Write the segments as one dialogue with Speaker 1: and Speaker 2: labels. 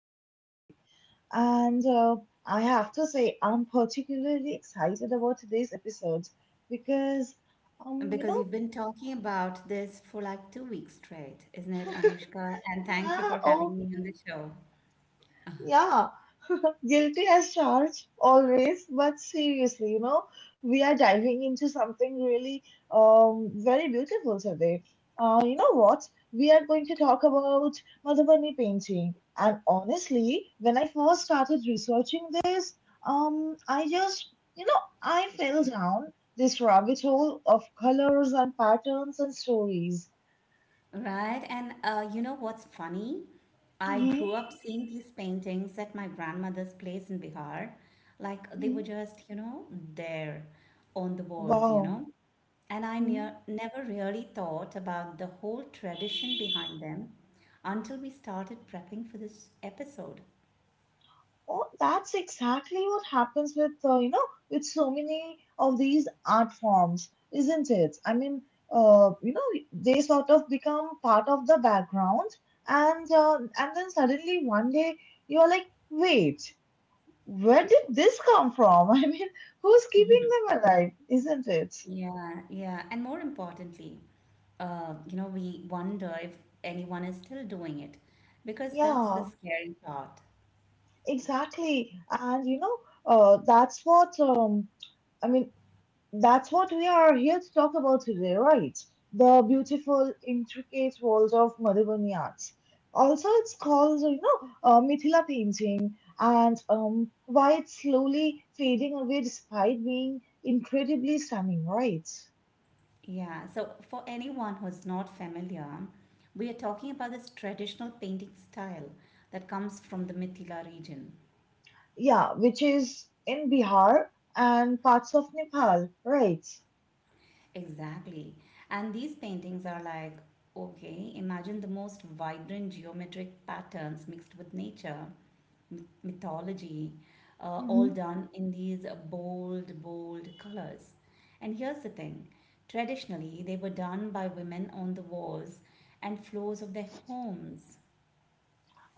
Speaker 1: today, Gayatri. And I have to say, I'm particularly excited about today's episode because, um, you
Speaker 2: Because
Speaker 1: know,
Speaker 2: you've been talking about this for like 2 weeks straight, isn't it, Anushka? And thank you for
Speaker 1: yeah,
Speaker 2: having me on the
Speaker 1: okay,
Speaker 2: show.
Speaker 1: yeah. Guilty as charged, always, but seriously, we are diving into something really very beautiful today. You know what? We are going to talk about Madhubani painting. And honestly, when I first started researching this, I just, you know, I fell down this rabbit hole of colors and patterns and stories.
Speaker 2: Right? And what's funny? I
Speaker 1: hmm
Speaker 2: grew up seeing these paintings at my grandmother's place in Bihar. Like they were just, there on the walls,
Speaker 1: Wow.
Speaker 2: And I
Speaker 1: Mm-hmm.
Speaker 2: never really thought about the whole tradition behind them until we started prepping for this episode.
Speaker 1: Oh, that's exactly what happens with with so many of these art forms, isn't it? Uh, you know, they sort of become part of the background, and then suddenly one day you're like, wait, where did this come from? I mean, who's keeping them alive, isn't it?
Speaker 2: Yeah, yeah. And more importantly, we wonder if anyone is still doing it because that's the
Speaker 1: Yeah,
Speaker 2: scary part.
Speaker 1: exactly. And you know, that's what I mean. That's what we are here to talk about today, right? The beautiful, intricate world of Madhubani art. Also, it's called, Mithila painting, and why it's slowly fading away despite being incredibly stunning, right?
Speaker 2: Yeah. So, for anyone who's not familiar, we are talking about this traditional painting style that comes from the Mithila region.
Speaker 1: Yeah, which is in Bihar and parts of Nepal, right?
Speaker 2: Exactly. And these paintings are like, okay, imagine the most vibrant geometric patterns mixed with nature. Mythology, all
Speaker 1: Mm-hmm.
Speaker 2: done in these bold, bold colors. And here's the thing, traditionally, they were done by women on the walls and floors of their homes.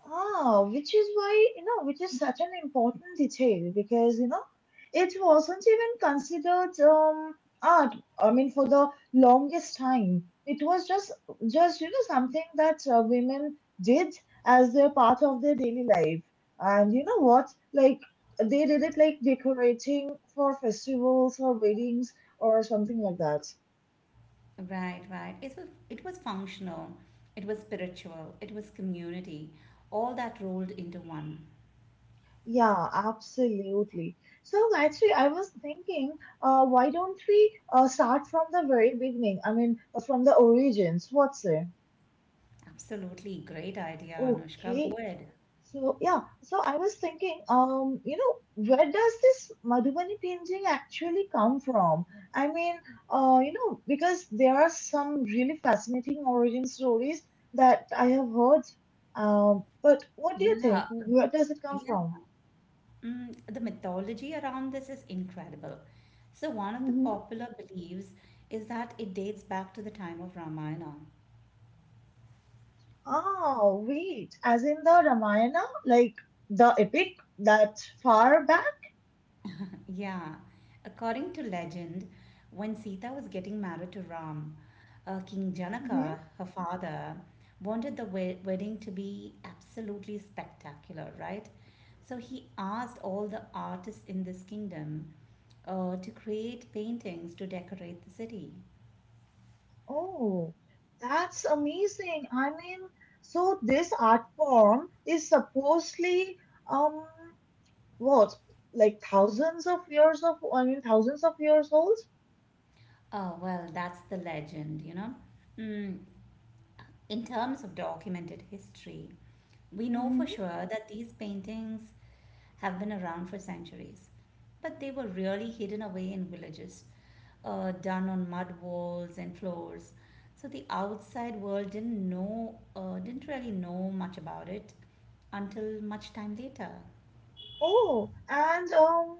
Speaker 1: Ah, which is why, you know, which is such an important detail because it wasn't even considered art. I mean, for the longest time, it was just something that women did as their part of their daily life. And you know what? Like they did it like decorating for festivals or weddings or something like that.
Speaker 2: Right, right. It was functional, it was spiritual, it was community, all that rolled into one.
Speaker 1: Yeah, absolutely. So actually, I was thinking, why don't we start from the very beginning? I mean, from the origins. What's it?
Speaker 2: Absolutely, great idea, Anushka. Go
Speaker 1: Okay.
Speaker 2: ahead.
Speaker 1: So I was thinking, where does this Madhubani painting actually come from? I mean, because there are some really fascinating origin stories that I have heard. But what do you think?
Speaker 2: Yeah,
Speaker 1: Where does it come
Speaker 2: yeah.
Speaker 1: from?
Speaker 2: The mythology around this is incredible. So, one of the
Speaker 1: Mm-hmm.
Speaker 2: popular beliefs is that it dates back to the time of Ramayana.
Speaker 1: Oh, wait, as in the Ramayana, like the epic that far back?
Speaker 2: Yeah, according to legend, when Sita was getting married to Ram, King
Speaker 1: hmm
Speaker 2: Janaka, her father, wanted the wedding to be absolutely spectacular, right? So, he asked all the artists in this kingdom to create paintings to decorate the city.
Speaker 1: Oh, that's amazing. I mean, so this art form is supposedly, um, what, like thousands of years of, I mean, thousands of years old?
Speaker 2: Oh, well, that's the legend, you know. Mm, in terms of documented history, we know for
Speaker 1: hmm
Speaker 2: sure that these paintings have been around for centuries, but they were really hidden away in villages, done on mud walls and floors. So the outside world didn't know, didn't really know much about it until much time later.
Speaker 1: Oh, and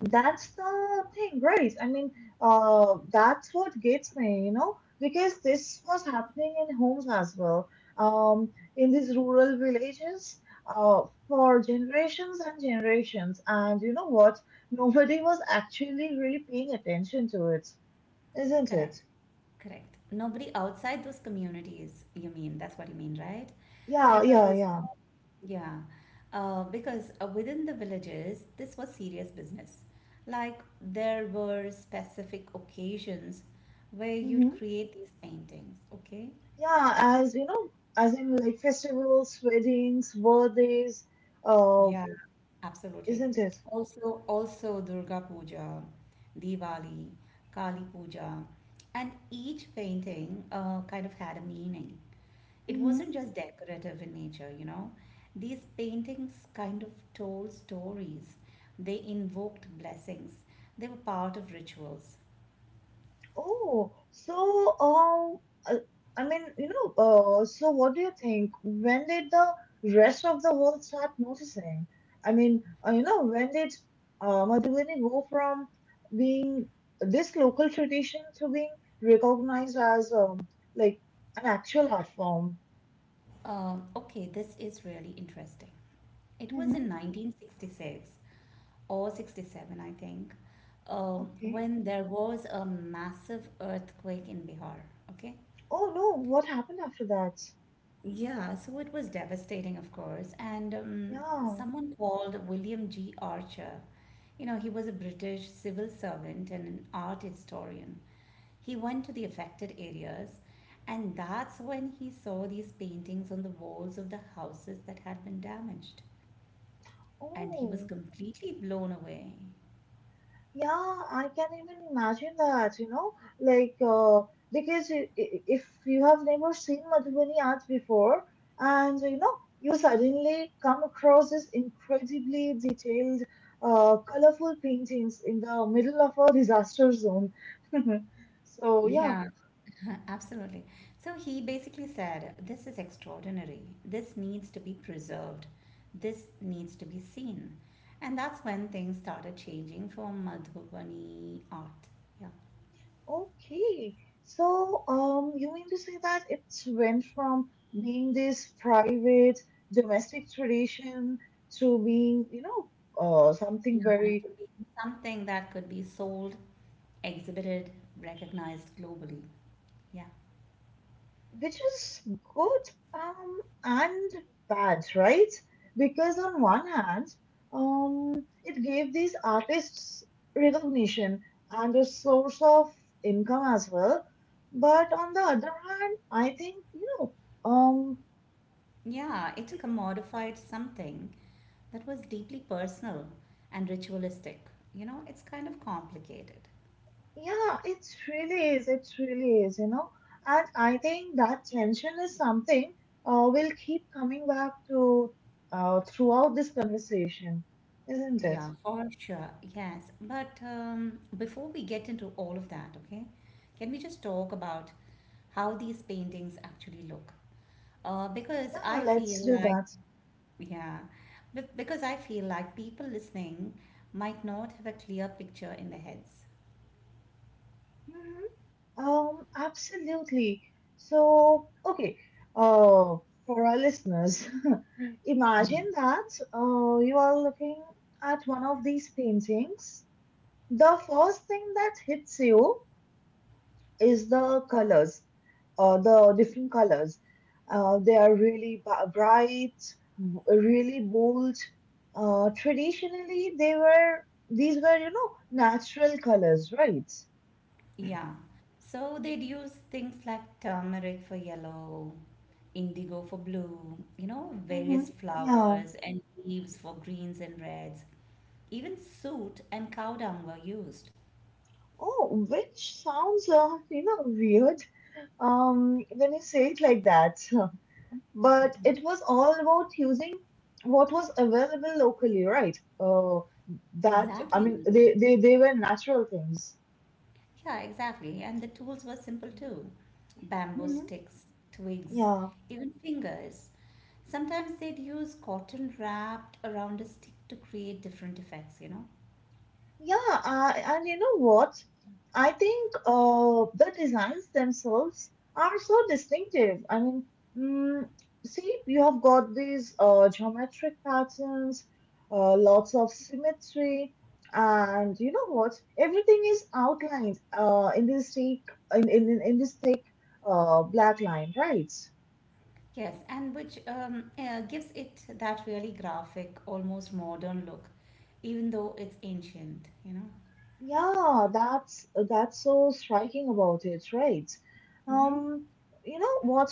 Speaker 1: that's the thing, right? I mean, that's what gets me, you know, because this was happening in homes as well, um, in these rural villages, for generations and generations. And you know what? Nobody was actually really paying attention to it, isn't it?
Speaker 2: Correct. Correct. Nobody outside those communities, you mean? That's what you mean, right?
Speaker 1: Yeah, yeah,
Speaker 2: Because,
Speaker 1: yeah.
Speaker 2: yeah, because within the villages, this was serious business. Like, there were specific occasions where you'd
Speaker 1: hmm
Speaker 2: create these paintings, okay?
Speaker 1: Yeah, as you know, as in like festivals, weddings, birthdays, uh,
Speaker 2: Yeah, absolutely.
Speaker 1: isn't it?
Speaker 2: Also, also Durga Puja, Diwali, Kali Puja, and each painting kind of had a meaning. It
Speaker 1: Mm-hmm.
Speaker 2: wasn't just decorative in nature, you know. These paintings kind of told stories. They invoked blessings. They were part of rituals.
Speaker 1: Oh, so uh, I mean, so what do you think? When did the rest of the world start noticing? When did Madhubani go from being this local tradition to being recognized as like an actual art form?
Speaker 2: Okay, this is really interesting. It was
Speaker 1: hmm
Speaker 2: in 1966 or 67, I think,
Speaker 1: Okay.
Speaker 2: when there was a massive earthquake in Bihar. Okay.
Speaker 1: Oh no, what happened after that?
Speaker 2: Yeah, so it was devastating, of course. And
Speaker 1: Yeah.
Speaker 2: Someone called William G. Archer. You know, he was a British civil servant and an art historian. He went to the affected areas, and that's when he saw these paintings on the walls of the houses that had been damaged. And he was
Speaker 1: Oh.
Speaker 2: completely blown away.
Speaker 1: Yeah, I can even imagine that, like uh, because if you have never seen Madhubani art before, and you know, you suddenly come across this incredibly detailed, colorful paintings in the middle of a disaster zone. So yeah,
Speaker 2: Yeah, absolutely. So he basically said, "This is extraordinary. This needs to be preserved. This needs to be seen." And that's when things started changing for Madhubani art. Yeah.
Speaker 1: okay, so you mean to say that it went from being this private domestic tradition to being, something
Speaker 2: Yeah. To
Speaker 1: very,
Speaker 2: be something that could be sold, exhibited, recognized globally. Yeah.
Speaker 1: which is good and bad, right? Because on one hand, um, it gave these artists recognition and a source of income as well, but on the other hand, I think, um
Speaker 2: Yeah. It commodified something that was deeply personal and ritualistic. You know, it's kind of complicated.
Speaker 1: yeah, it really is. It really is, you know. And I think that tension is something we'll keep coming back to throughout this conversation, isn't it?
Speaker 2: Yeah, for sure. Yes. But Before we get into all of that, okay, can we just talk about how these paintings actually look? Because
Speaker 1: Yeah,
Speaker 2: I
Speaker 1: let's
Speaker 2: feel
Speaker 1: do
Speaker 2: like,
Speaker 1: that.
Speaker 2: yeah, because I feel like people listening might not have a clear picture in their heads.
Speaker 1: hmm absolutely. So, okay, uh, for our listeners,
Speaker 2: Hmm
Speaker 1: imagine that you are looking at one of these paintings. The first thing that hits you is the colors, the different colors. They are really bright, really bold. Traditionally, they were these were, natural colors, right?
Speaker 2: Yeah. So they'd use things like turmeric for yellow, indigo for blue, you know,
Speaker 1: Mm-hmm.
Speaker 2: various
Speaker 1: Yeah.
Speaker 2: flowers and leaves for greens and reds. Even soot and cow dung were used.
Speaker 1: Oh, which sounds weird when you say it like that. But it was all about using what was available locally, right? Uh,
Speaker 2: Exactly.
Speaker 1: they were natural things.
Speaker 2: Yeah, exactly. And the tools were simple too, bamboo
Speaker 1: Mm-hmm.
Speaker 2: sticks, twigs,
Speaker 1: Yeah.
Speaker 2: even fingers. Sometimes they'd use cotton wrapped around a stick to create different effects, you know?
Speaker 1: Yeah, and you know what? I think the designs themselves are so distinctive. I mean, mm, see, you have got these geometric patterns, lots of symmetry, and you know what? Everything is outlined in this thick black line, right?
Speaker 2: Yes, and which gives it that really graphic, almost modern look, even though it's ancient, you know?
Speaker 1: Yeah, that's so striking about it, right?
Speaker 2: Mm-hmm.
Speaker 1: Um, you know what?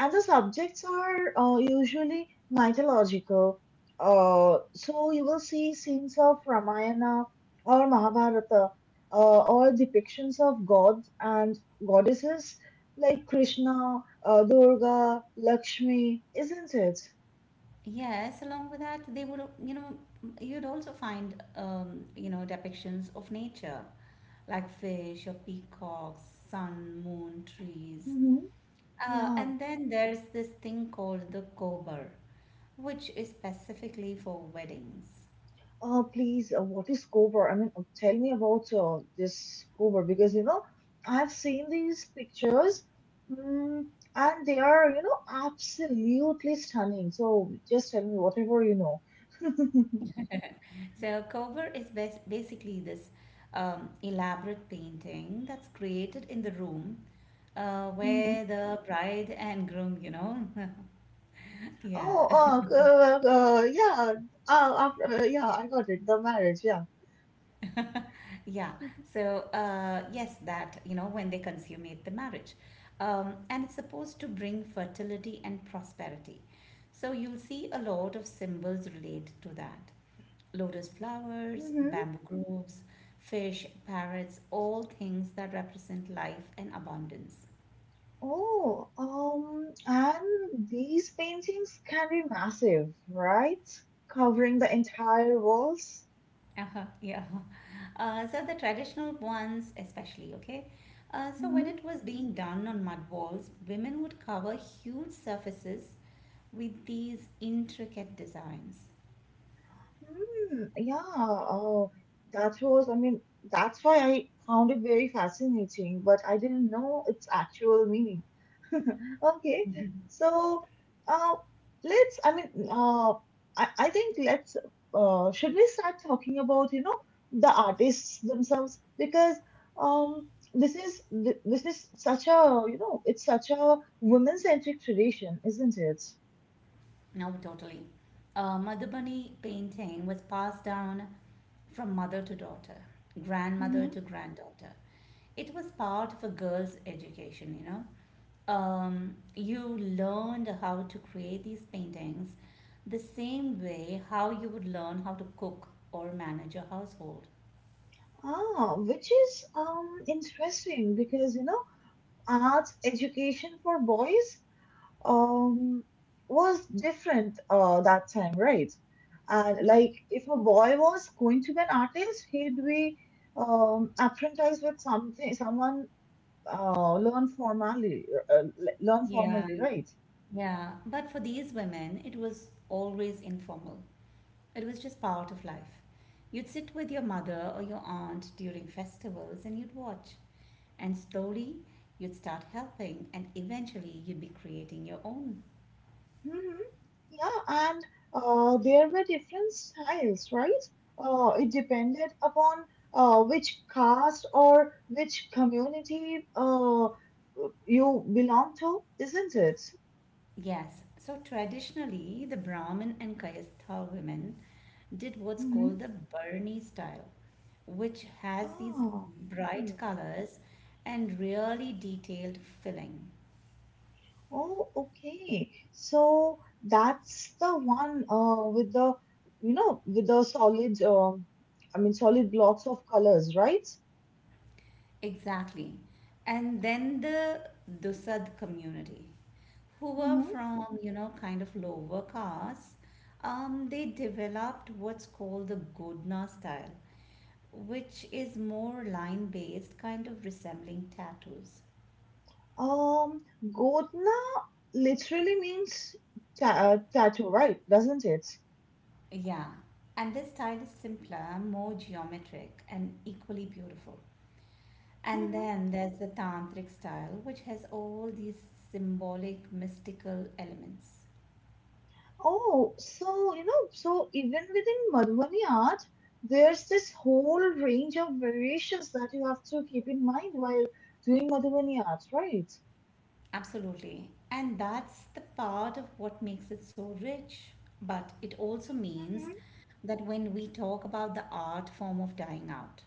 Speaker 1: And the subjects are usually mythological. So you will see scenes of Ramayana or Mahabharata, or depictions of gods and goddesses like Krishna, Durga, Lakshmi, isn't it?
Speaker 2: Yes, along with that, they would, you know, you'd also find, depictions of nature, like fish or peacocks, sun, moon, trees.
Speaker 1: Mm-hmm. Yeah.
Speaker 2: And then there's this thing called the kobar, which is specifically for weddings.
Speaker 1: What is cover? Tell me about this cover, because you know I've seen these pictures, mm, and they are, you know, absolutely stunning. So just tell me whatever you know.
Speaker 2: So, kobar is basically this elaborate painting that's created in the room
Speaker 1: hmm
Speaker 2: where the bride and groom, you know, yeah.
Speaker 1: Oh, yeah, I got it. The marriage, yeah.
Speaker 2: yeah, so yes, that you know when they consummate the marriage, and it's supposed to bring fertility and prosperity, so you'll see a lot of symbols related to that, lotus flowers,
Speaker 1: hmm
Speaker 2: bamboo groves, fish, parrots, all things that represent life and abundance.
Speaker 1: Oh, and these paintings can be massive, right? Covering the entire walls.
Speaker 2: Uh-huh, yeah. So the traditional ones, especially, okay? So when
Speaker 1: Mm-hmm.
Speaker 2: it was being done on mud walls, women would cover huge surfaces with these intricate designs.
Speaker 1: Hmm. Yeah, oh, that was, I mean, that's why I found it very fascinating, but I didn't know its actual meaning. Okay,
Speaker 2: Mhm.
Speaker 1: so uh, let's, I mean, I think let's, should we start talking about, you know, the artists themselves? Because um, this is this is such a, you know, it's such a women-centric tradition, isn't it?
Speaker 2: No, totally. Madhubani painting was passed down from mother to daughter, grandmother to granddaughter. It was part of a girl's education, you know. You learned how to create these paintings the same way how you would learn how to cook or manage your household.
Speaker 1: Ah, which is interesting because you know arts education for boys um was different that time, right? And
Speaker 2: Hmm
Speaker 1: like if a boy was going to be an artist, he'd be apprenticed with something someone, uh learn formally uh, uh, learn
Speaker 2: Yeah,
Speaker 1: formally, right?
Speaker 2: yeah. But for these women, it was always informal. It was just part of life. You'd sit with your mother or your aunt during festivals and you'd watch. And slowly you'd start helping and eventually you'd be creating your own.
Speaker 1: hmm Yeah, and there were different styles, right? It depended upon which caste or which community you belong to, isn't it?
Speaker 2: Yes, so traditionally the Brahmin and Kayastha women did what's
Speaker 1: Mm-hmm.
Speaker 2: called the Burni style, which has these
Speaker 1: Ah,
Speaker 2: bright
Speaker 1: okay.
Speaker 2: colors and really detailed filling.
Speaker 1: Oh, okay. So that's the one with the, you know, with the solid, I mean, solid blocks of colors, right?
Speaker 2: Exactly. And then the Dusad community, who were
Speaker 1: Hmm.
Speaker 2: from you know kind of lower class, they developed what's called the godna style, which is more line based, kind of resembling tattoos.
Speaker 1: Um, Godna literally means tattoo, right? Doesn't it?
Speaker 2: Yeah, and this style is simpler, more geometric, and equally beautiful. And
Speaker 1: Mhm.
Speaker 2: then there's the tantric style, which has all these symbolic mystical elements.
Speaker 1: Oh, so you know, so even within Madhubani art, there's this whole range of variations that you have to keep in mind while doing Madhubani art, right?
Speaker 2: Absolutely. And that's the part of what makes it so rich. But it also means
Speaker 1: Mhm.
Speaker 2: that when we talk about the art form of dying out,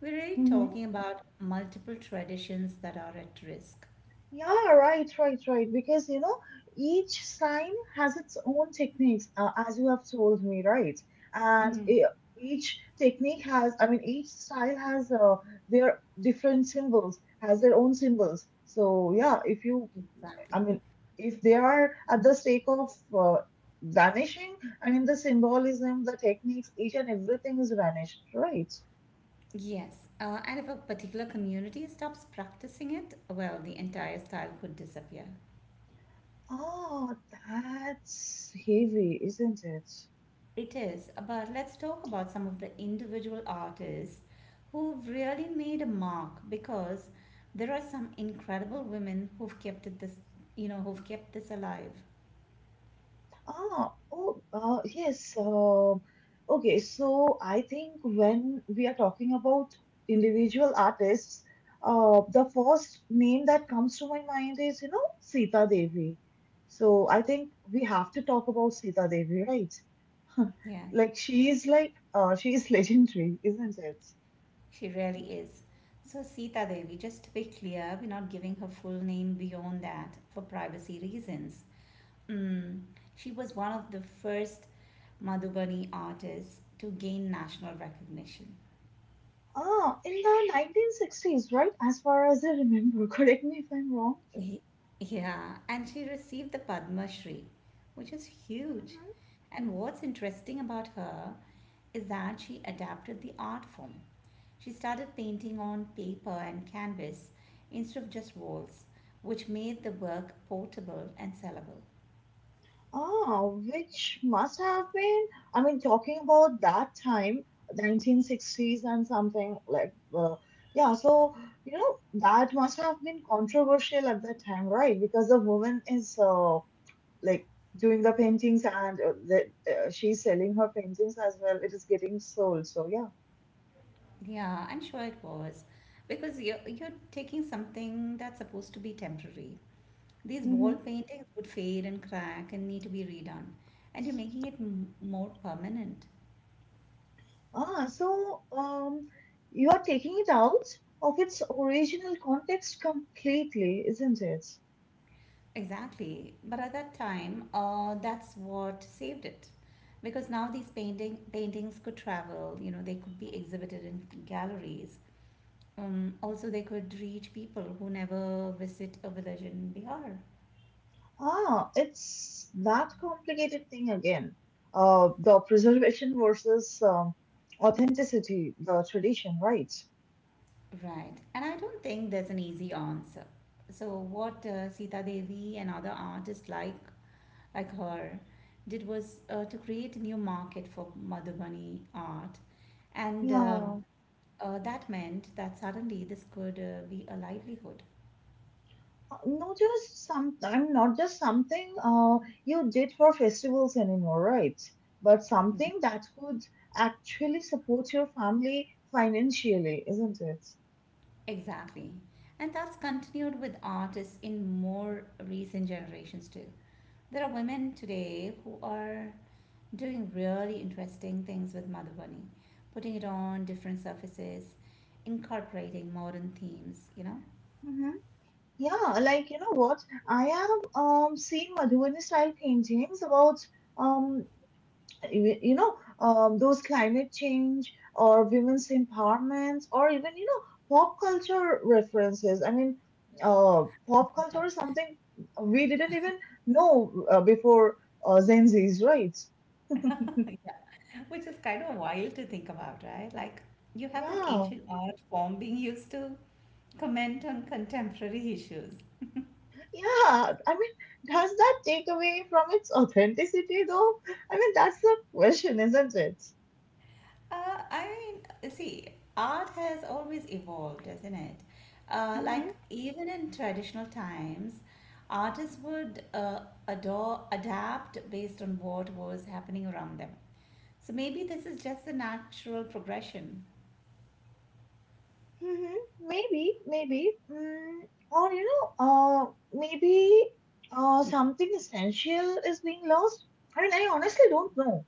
Speaker 2: we're really
Speaker 1: Mm-hmm.
Speaker 2: talking about multiple traditions that are at risk.
Speaker 1: Yeah, right. Because, you know, each sign has its own techniques, as you have told me, right? And
Speaker 2: Mhm.
Speaker 1: e- each technique has, I mean, each style has their different symbols, has their own symbols. So, yeah, if you,
Speaker 2: Exactly.
Speaker 1: I mean, if they are at the stake of vanishing, I mean, the symbolism, the techniques, each and everything is vanished, right?
Speaker 2: Yes. And if a particular community stops practicing it, well, the entire style could disappear.
Speaker 1: Oh, that's heavy, isn't it?
Speaker 2: It is, but let's talk about some of the individual artists who've really made a mark because there are some incredible women who've kept it this, you know, who've kept this alive.
Speaker 1: Ah, oh, uh, yes. Uh, okay, so I think when we are talking about individual artists, the first name that comes to my mind is, you know, Sita Devi. So I think we have to talk about Sita Devi, right?
Speaker 2: Yeah,
Speaker 1: Like she is legendary, isn't it?
Speaker 2: she really is. So, Sita Devi, just to be clear, we're not giving her full name beyond that for privacy reasons. Mm, she was one of the first Madhubani artists to gain national recognition.
Speaker 1: Ah, in the 1960s, right? As far as I remember, correct me if I'm wrong.
Speaker 2: He- Yeah, and she received the Padma Shri, which is huge.
Speaker 1: Mm-hmm.
Speaker 2: And what's interesting about her is that she adapted the art form. She started painting on paper and canvas instead of just walls, which made the work portable and sellable.
Speaker 1: Ah, which must have been, I mean, talking about that time, 1960s and something like, uh, yeah, so, you know, that must have been controversial at that time, right? Because the woman is like doing the paintings and she's selling her paintings as well. It is getting sold. So, yeah.
Speaker 2: Yeah, I'm sure it was. Because you're taking something that's supposed to be temporary. These wall
Speaker 1: Mm-hmm.
Speaker 2: paintings would fade and crack and need to be redone. And you're making it more permanent.
Speaker 1: Ah, so you are taking it out of its original context completely, isn't it?
Speaker 2: Exactly. But at that time, that's what saved it. Because now these paintings could travel, you know, they could be exhibited in galleries. Also, they could reach people who never visit a village in Bihar.
Speaker 1: Ah, it's that complicated thing again. The preservation versus authenticity, the tradition, right?
Speaker 2: Right. And I don't think there's an easy answer. So what Sita Devi and other artists like her did was to create a new market for Madhubani art and
Speaker 1: Yeah,
Speaker 2: That meant that suddenly this could be a livelihood.
Speaker 1: Not just some. I'm not just something you did for festivals anymore, right? But
Speaker 2: Yeah.
Speaker 1: something that could actually support your family financially, isn't it?
Speaker 2: Exactly. And that's continued with artists in more recent generations too. There are women today who are doing really interesting things with Madhubani, putting it on different surfaces, incorporating modern themes, you know?
Speaker 1: Mm-hmm. Yeah, like you know what? I have seen Madhubani style paintings about um those climate change or women's empowerment or even you know pop culture references. Pop culture is something we didn't even know before Gen Z's, right?
Speaker 2: Yeah. Which is kind of wild to think about, right? Like you have this
Speaker 1: Yeah.
Speaker 2: ancient art form being used to comment on contemporary issues.
Speaker 1: Yeah, I mean, does that take away from its authenticity though? I mean, that's the question, isn't it?
Speaker 2: I mean, see, art has always evolved, isn't it? Like
Speaker 1: Mm-hmm.
Speaker 2: even in traditional times, artists would adapt based on what was happening around them. So maybe this is just a natural progression.
Speaker 1: hmm Maybe, maybe. Mm, or maybe something essential is being lost. I mean, I honestly don't know.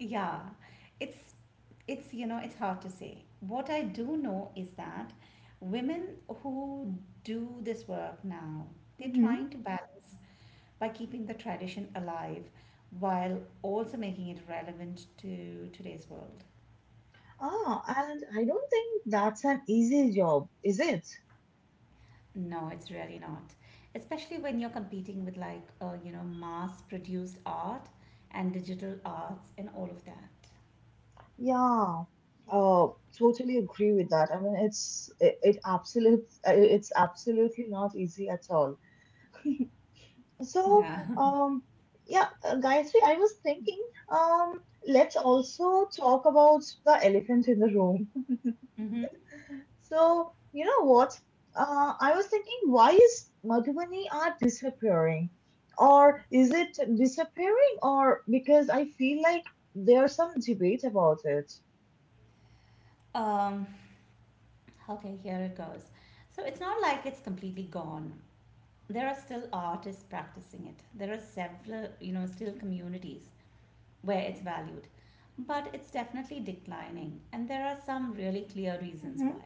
Speaker 2: Yeah, it's it's you know It's hard to say. What I do know is that women who do this work now, they're
Speaker 1: hmm
Speaker 2: trying to balance by keeping the tradition alive while also making it relevant to today's world.
Speaker 1: Ah, and I don't think that's an easy job, is it?
Speaker 2: No, it's really not. Especially when you're competing with like you know mass produced art and digital arts and all of that.
Speaker 1: Yeah. Uh, Totally agree with that. I mean, it's absolutely not easy at all. So,
Speaker 2: Yeah.
Speaker 1: um, yeah, Gayatri, I was thinking, um, let's also talk about the elephant in the room.
Speaker 2: hmm
Speaker 1: So, you know what? I was thinking, why is Madhubani art disappearing? Or is it disappearing? Or because I feel like there's some debate about it.
Speaker 2: Um, okay, here it goes. So it's not like it's completely gone. There are still artists practicing it. There are several, you know, still communities where it's valued, but it's definitely declining, and there are some really clear reasons
Speaker 1: Mhm.
Speaker 2: why.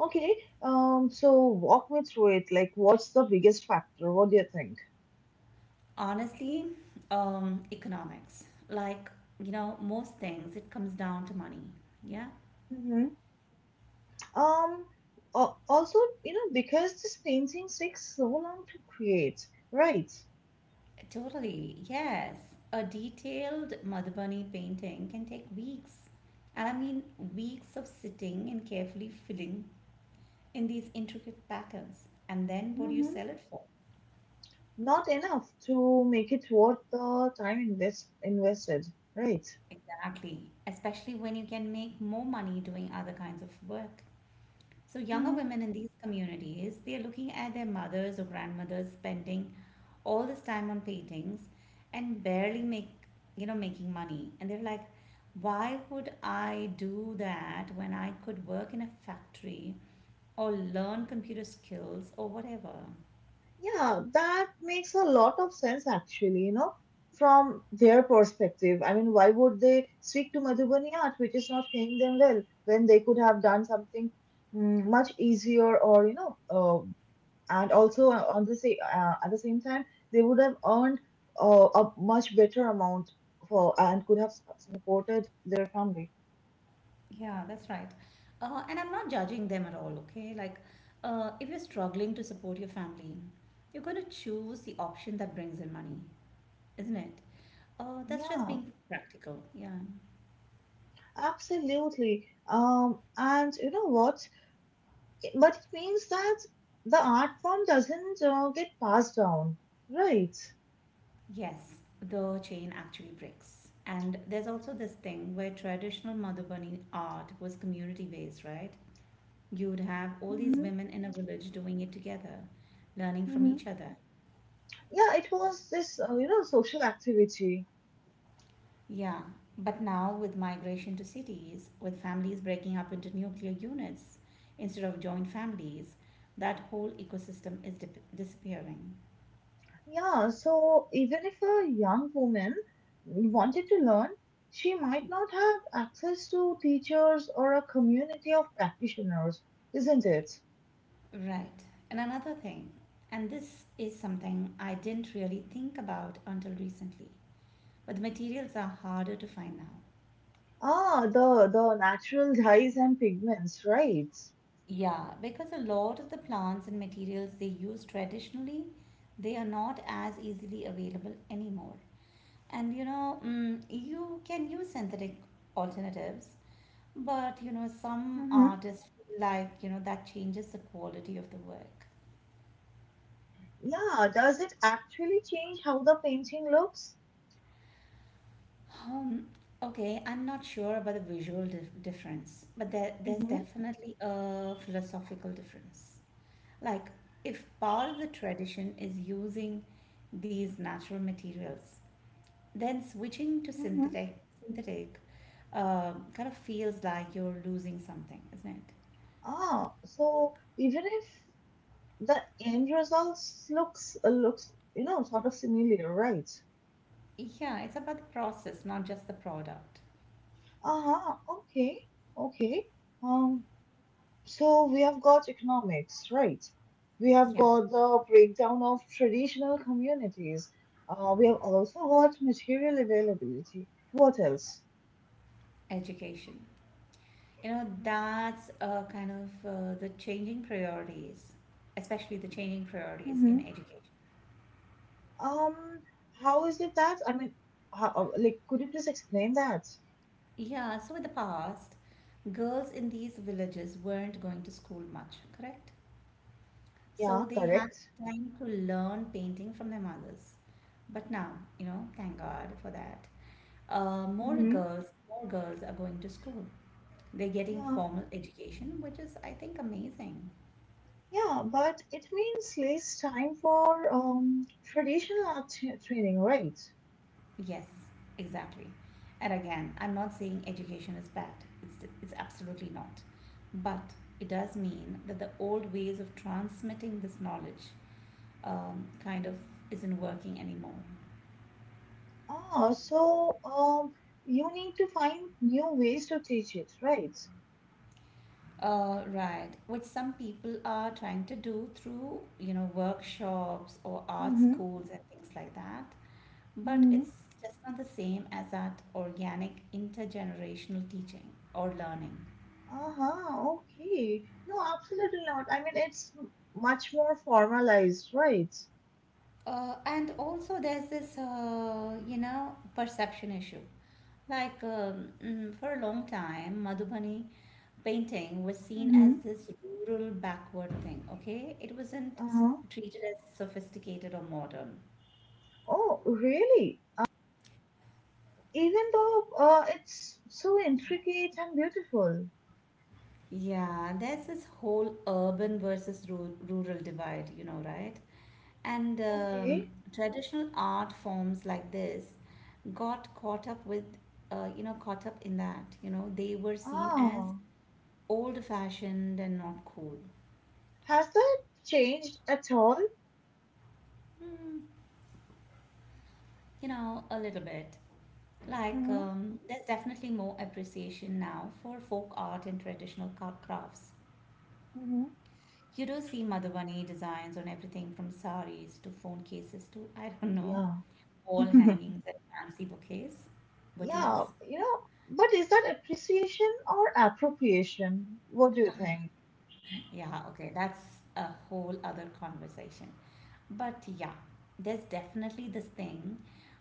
Speaker 1: Okay, so walk me through it. Like, what's the biggest factor? What do you think?
Speaker 2: Honestly, economics, like you know, most things, it comes down to money. Yeah,
Speaker 1: hmm Um, also, you know, because this painting takes so long to create, right?
Speaker 2: totally. Yes, a detailed Madhubani painting can take weeks, and I mean weeks of sitting and carefully filling in these intricate patterns. And then, what do you
Speaker 1: hmm
Speaker 2: sell it for?
Speaker 1: Not enough to make it worth the time invested, right?
Speaker 2: Exactly, especially when you can make more money doing other kinds of work. So younger women in these communities, they're looking at their mothers or grandmothers spending all this time on paintings and barely make you know making money. And they're like, why would I do that when I could work in a factory or learn computer skills or whatever?
Speaker 1: Yeah, that makes a lot of sense actually, from their perspective. I mean, why would they stick to Madhubani art, which is not paying them well, when they could have done something much easier or, and also on the same at the same time, they would have earned a much better amount for and could have supported their family.
Speaker 2: Yeah, that's right. And I'm not judging them at all, okay? Like, if you're struggling to support your family, you're going to choose the option that brings in money, isn't it? Oh, that's just
Speaker 1: Yeah,
Speaker 2: being practical. Yeah.
Speaker 1: absolutely. And you know what? But it means that the art form doesn't get passed down, right?
Speaker 2: Yes, the chain actually breaks. And there's also this thing where traditional Madhubani art was community based, right? You would have all these
Speaker 1: hmm
Speaker 2: women in a village doing it together, learning from each
Speaker 1: hmm.
Speaker 2: other.
Speaker 1: Yeah, it was this, social activity.
Speaker 2: Yeah. But now with migration to cities, with families breaking up into nuclear units instead of joint families, that whole ecosystem is disappearing.
Speaker 1: Yeah, so even if a young woman wanted to learn, she might not have access to teachers or a community of practitioners, isn't it?
Speaker 2: Right. And another thing, and this is something I didn't really think about until recently, but the materials are harder to find now.
Speaker 1: Ah, the natural dyes and pigments, right?
Speaker 2: Yeah, because a lot of the plants and materials they use traditionally, they are not as easily available anymore. And you know, you can use synthetic alternatives, but you know, some
Speaker 1: Hmm.
Speaker 2: artists feel like, you know, that changes the quality of the work.
Speaker 1: Yeah, does it actually change how the painting looks?
Speaker 2: Um, okay, I'm not sure about the visual difference, but there's
Speaker 1: Hmm
Speaker 2: definitely a philosophical difference. Like, if part of the tradition is using these natural materials, then switching to
Speaker 1: hmm.
Speaker 2: synthetic, kind of feels like you're losing something, isn't it?
Speaker 1: Ah, so even if the end results looks you know sort of similar, right?
Speaker 2: Yeah, it's about the process, not just the product.
Speaker 1: Uh-huh, okay, okay. Um, so we have got economics, right? We have
Speaker 2: Yeah,
Speaker 1: got the breakdown of traditional communities. We have also got material availability. What else?
Speaker 2: education. You know, that's kind of the changing priorities, especially the changing priorities
Speaker 1: Mm-hmm.
Speaker 2: in education.
Speaker 1: Um, how is it that? I mean, like, could you please explain that?
Speaker 2: Yeah, so in the past, girls in these villages weren't going to school much, correct? So
Speaker 1: Yeah,
Speaker 2: they had
Speaker 1: correct.
Speaker 2: time to learn painting from their mothers. But now, you know, thank God for that. Uh, more
Speaker 1: Mm-hmm.
Speaker 2: girls, more girls are going to school. They're getting
Speaker 1: Yeah.
Speaker 2: formal education, which is, I think, amazing.
Speaker 1: Yeah, but it means less time for traditional art training, right?
Speaker 2: Yes, exactly. And again, I'm not saying education is bad. It's absolutely not. But it does mean that the old ways of transmitting this knowledge kind of isn't working anymore.
Speaker 1: Ah, you need to find new ways to teach it, right?
Speaker 2: Right, which some people are trying to do through you know workshops or art
Speaker 1: Mm-hmm.
Speaker 2: schools and things like that. But
Speaker 1: Mm-hmm.
Speaker 2: it's just not the same as that organic intergenerational teaching or learning.
Speaker 1: Uh-huh, okay. No, absolutely not. I mean, it's much more formalized, right?
Speaker 2: And also, there's this, you know, perception issue. Like, for a long time, Madhubani painting was seen as
Speaker 1: Mm-hmm.
Speaker 2: this rural backward thing, okay? It wasn't
Speaker 1: Uh-huh.
Speaker 2: treated as sophisticated or modern.
Speaker 1: Oh, really? Even though it's so intricate and beautiful.
Speaker 2: Yeah, there's this whole urban versus rural divide, you know, right? And
Speaker 1: Okay.
Speaker 2: traditional art forms like this got caught up in that. You know, they were seen as
Speaker 1: Ah,
Speaker 2: old fashioned and not cool?
Speaker 1: has that changed at all?
Speaker 2: Hmm, you know, a little bit. Like,
Speaker 1: Mm-hmm.
Speaker 2: there's definitely more appreciation now for folk art and traditional crafts.
Speaker 1: Mm-hmm.
Speaker 2: You do see Madhubani designs on everything from saris to phone cases to, I don't know, wall
Speaker 1: Yeah.
Speaker 2: hangings and fancy bouquets, boutiques.
Speaker 1: Yeah. You know, but is that appreciation or appropriation? What do you think?
Speaker 2: Yeah, okay, that's a whole other conversation. But yeah, there's definitely this thing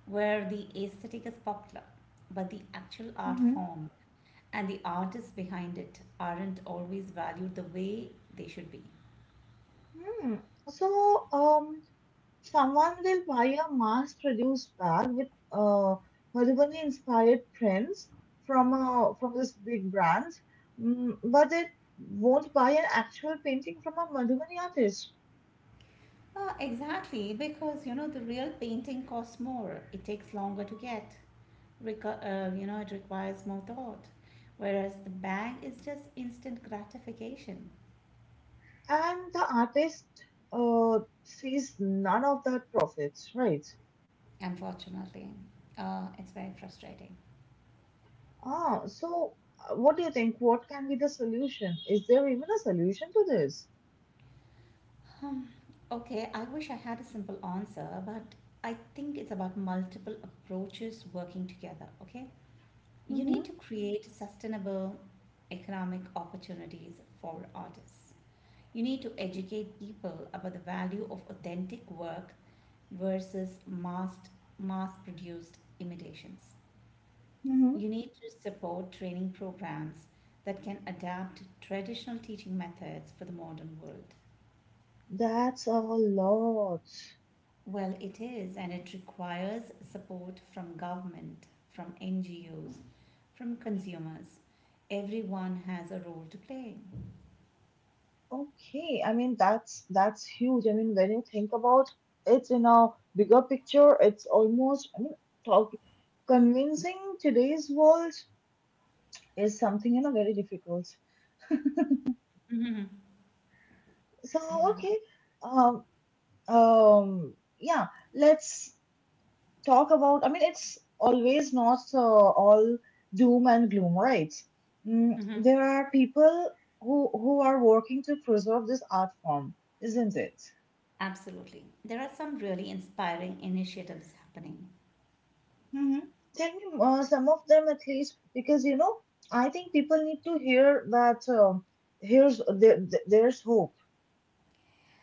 Speaker 2: where the aesthetic is popular, but the actual art
Speaker 1: Mm-hmm.
Speaker 2: form and the artists behind it aren't always valued the way they should be.
Speaker 1: Hmm. So, someone will buy a mass-produced bag with Madhubani inspired prints from this big brand, mm, but it won't buy an actual painting from a Madhubani artist,
Speaker 2: Exactly, because you know the real painting costs more. It takes longer to get. You know it requires more thought, whereas the bag is just instant gratification.
Speaker 1: and the artist sees none of that profit, right?
Speaker 2: Unfortunately, it's very frustrating.
Speaker 1: Ah, so what do you think? What can be the solution? Is there even a solution to this?
Speaker 2: Hmm. Okay, I wish I had a simple answer, but I think it's about multiple approaches working together. Okay, you
Speaker 1: Mm-hmm,
Speaker 2: need to create sustainable economic opportunities for artists. You need to educate people about the value of authentic work versus mass produced imitations.
Speaker 1: mm-hmm.
Speaker 2: You need to support training programs that can adapt traditional teaching methods for the modern world.
Speaker 1: That's a lot.
Speaker 2: Well, it is, and it requires support from government, from NGOs, from consumers. Everyone has a role to play.
Speaker 1: Okay, I mean that's huge. I mean when you think about it in a bigger picture, it's almost I mean talk convincing today's world is something you know very difficult.
Speaker 2: Mhm.
Speaker 1: So
Speaker 2: Yeah,
Speaker 1: okay, um, um, yeah, let's talk about, I mean, it's always not all doom and gloom, right? Mm,
Speaker 2: mhm.
Speaker 1: there are people who are working to preserve this art form, isn't it?
Speaker 2: Absolutely. There are some really inspiring initiatives happening.
Speaker 1: Hmm. Tell me some of them at least, because you know, I think people need to hear that here's there's hope.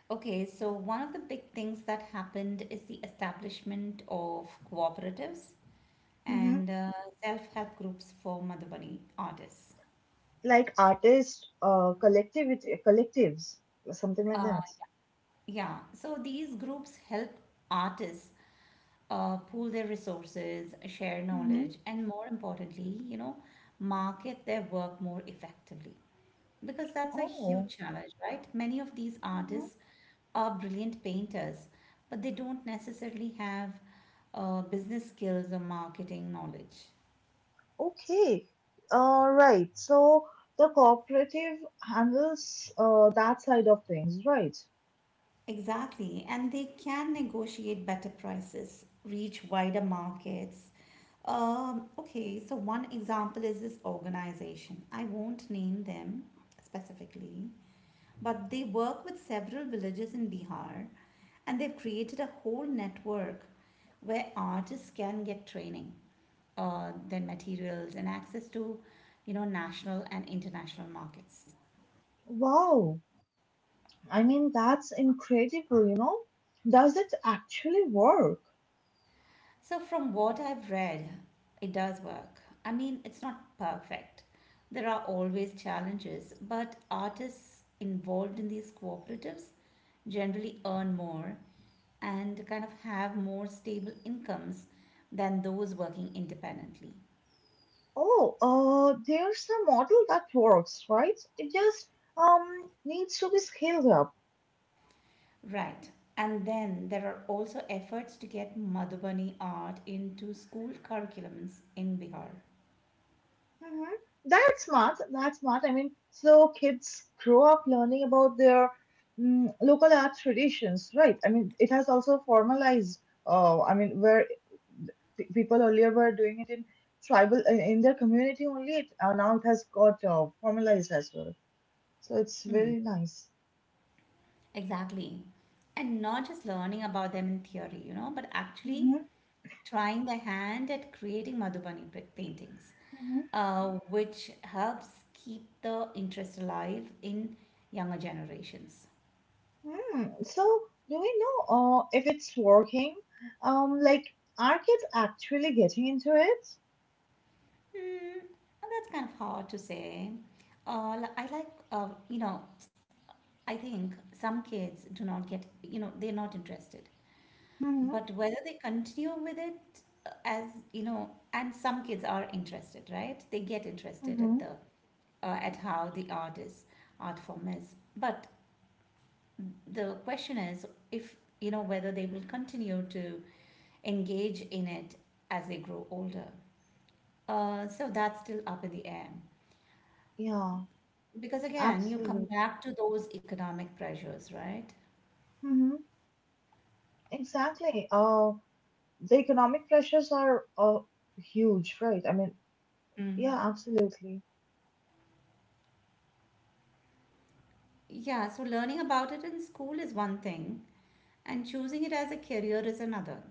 Speaker 2: Okay, so one of the big things that happened is the establishment of cooperatives.
Speaker 1: Hmm
Speaker 2: And self help groups for Madhubani artists.
Speaker 1: Like artists, collectives, something like
Speaker 2: Uh,
Speaker 1: that.
Speaker 2: yeah, so these groups help artists pool their resources, share
Speaker 1: Hmm.
Speaker 2: knowledge, and more importantly, you know, market their work more effectively. Because that's a
Speaker 1: Oh.
Speaker 2: huge challenge, right? Many of these artists are brilliant painters, but they don't necessarily have business skills or marketing knowledge.
Speaker 1: Okay, all right. So the cooperative handles that side of things, right?
Speaker 2: Exactly, and they can negotiate better prices, reach wider markets. Okay, so one example is this organization. I won't name them specifically, but they work with several villages in Bihar and they've created a whole network where artists can get training, their materials and access to, you know, national and international markets.
Speaker 1: Wow, I mean, that's incredible, you know? Does it actually work?
Speaker 2: So, from what I've read, it does work. I mean, it's not perfect. There are always challenges, but artists involved in these cooperatives generally earn more and kind of have more stable incomes than those working independently.
Speaker 1: Oh, there's a model that works, right? It just needs to be scaled up.
Speaker 2: Right. And then there are also efforts to get Madhubani art into school curriculums in Bihar.
Speaker 1: Mhm. That's smart. That's smart. I mean, so kids grow up learning about their mm, local art traditions, right? I mean, it has also formalized. I mean, where people earlier were doing it in tribal in their community only, now it has got formalized as well. So it's
Speaker 2: Mm,
Speaker 1: very nice.
Speaker 2: exactly. And not just learning about them in theory, you know, but actually
Speaker 1: Mm-hmm,
Speaker 2: trying a hand at creating Madhubani paintings,
Speaker 1: mm-hmm.
Speaker 2: which helps keep the interest alive in younger generations.
Speaker 1: Mm. So do we know if it's working? Like, are kids actually getting into it?
Speaker 2: Hmm, and that's kind of hard to say. You know, I think some kids do not get, you know, they're not interested.
Speaker 1: Mm-hmm,
Speaker 2: But whether they continue with it you know, and some kids are interested, right? They get interested
Speaker 1: mm-hmm.
Speaker 2: at at how the art form is. But the question is if you know whether they will continue to engage in it as they grow older. So that's still up in the air.
Speaker 1: Yeah.
Speaker 2: Because again, you come
Speaker 1: Absolutely.
Speaker 2: back to those economic pressures, right?
Speaker 1: Hmm. Exactly. The economic pressures are huge, right? I mean, yeah,
Speaker 2: Mm.
Speaker 1: absolutely.
Speaker 2: Yeah, so learning about it in school is one thing, and choosing it as a career is another.